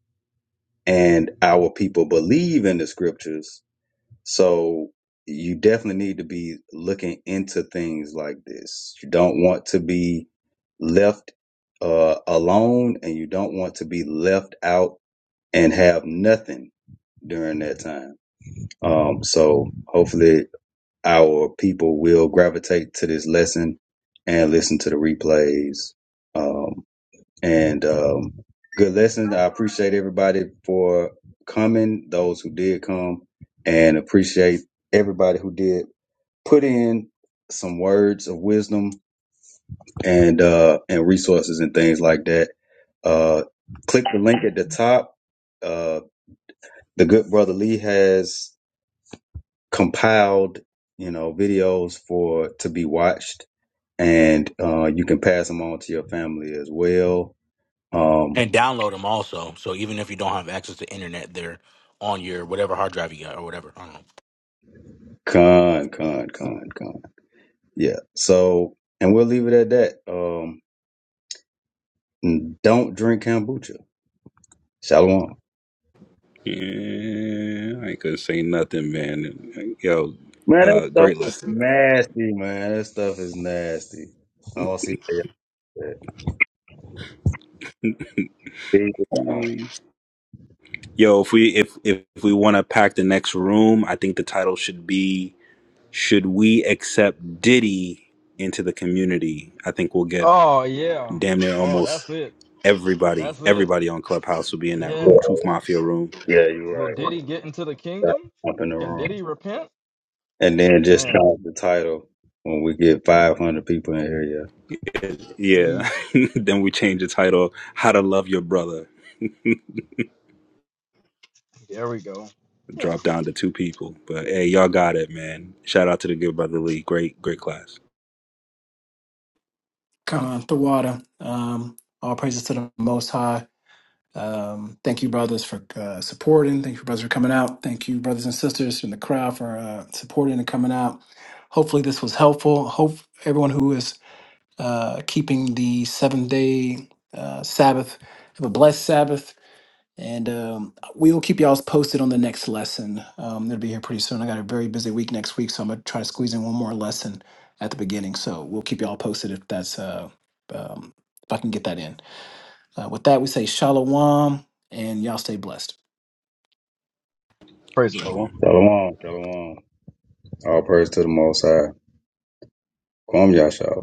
[SPEAKER 5] and our people believe in the scriptures, so you definitely need to be looking into things like this. You don't want to be left uh, alone, and you don't want to be left out and have nothing during that time. Um, so hopefully our people will gravitate to this lesson and listen to the replays. Um, and um, good lesson. I appreciate everybody for coming, those who did come, and appreciate everybody who did put in some words of wisdom and uh, and resources and things like that. Uh, click the link at the top. Uh, the good brother Lee has compiled, you know, videos for to be watched and uh, you can pass them on to your family as well. Um,
[SPEAKER 2] and download him also. So even if you don't have access to internet, they're on your whatever hard drive you got or whatever. I don't know.
[SPEAKER 5] con, con, con, con. Yeah. So, and we'll leave it at that. Um, and don't drink kombucha. Shalom.
[SPEAKER 3] I ain't gonna say nothing, man. Yo,
[SPEAKER 5] Man, that
[SPEAKER 3] uh,
[SPEAKER 5] stuff
[SPEAKER 3] great
[SPEAKER 5] is
[SPEAKER 3] lesson. man.
[SPEAKER 5] nasty, man. That stuff is nasty. I don't see that. big one.
[SPEAKER 3] Mm. Yo, if we if if, if we want to pack the next room, I think the title should be "Should We Accept Diddy into the Community?" I think we'll get
[SPEAKER 4] Oh yeah.
[SPEAKER 3] damn near
[SPEAKER 4] Oh, that's
[SPEAKER 3] almost
[SPEAKER 4] it.
[SPEAKER 3] everybody.
[SPEAKER 4] That's it.
[SPEAKER 3] Everybody on Clubhouse will be in that
[SPEAKER 4] Yeah.
[SPEAKER 5] Yeah,
[SPEAKER 3] room, Truth Mafia room.
[SPEAKER 5] yeah, you're
[SPEAKER 4] Will
[SPEAKER 5] right.
[SPEAKER 4] Diddy get into the kingdom?
[SPEAKER 5] Up in the
[SPEAKER 4] Can
[SPEAKER 5] room.
[SPEAKER 4] Diddy repent?
[SPEAKER 5] And then just
[SPEAKER 4] Man,
[SPEAKER 5] change the title when we get 500 people in here. Yeah.
[SPEAKER 3] Yeah.
[SPEAKER 4] easy.
[SPEAKER 3] then we change the title "How to Love Your Brother."
[SPEAKER 4] There we go. Yeah.
[SPEAKER 3] Drop down to two people. But hey, y'all got it, man. Shout out to the good brother League, Great, great class.
[SPEAKER 1] Khan, the water. Um, all praises to the Most High. Um, thank you, brothers, for uh, supporting. Thank you, brothers, for coming out. Thank you, brothers and sisters in the crowd, for uh, supporting and coming out. Hopefully, this was helpful. Hope everyone who is uh, keeping the seventh day uh, Sabbath have a blessed Sabbath. And um, we will keep y'all posted on the next lesson. Um, it'll be here pretty soon. I got a very busy week next week, so I'm gonna try to squeeze in one more lesson at the beginning. So we'll keep y'all posted if that's uh, um, if I can get that in. Uh, with that, we say shalom and y'all stay blessed.
[SPEAKER 4] Praise the Lord.
[SPEAKER 3] Shalom.
[SPEAKER 5] Shalom. Shalom. All praise to the Most High. Kwam Yasha.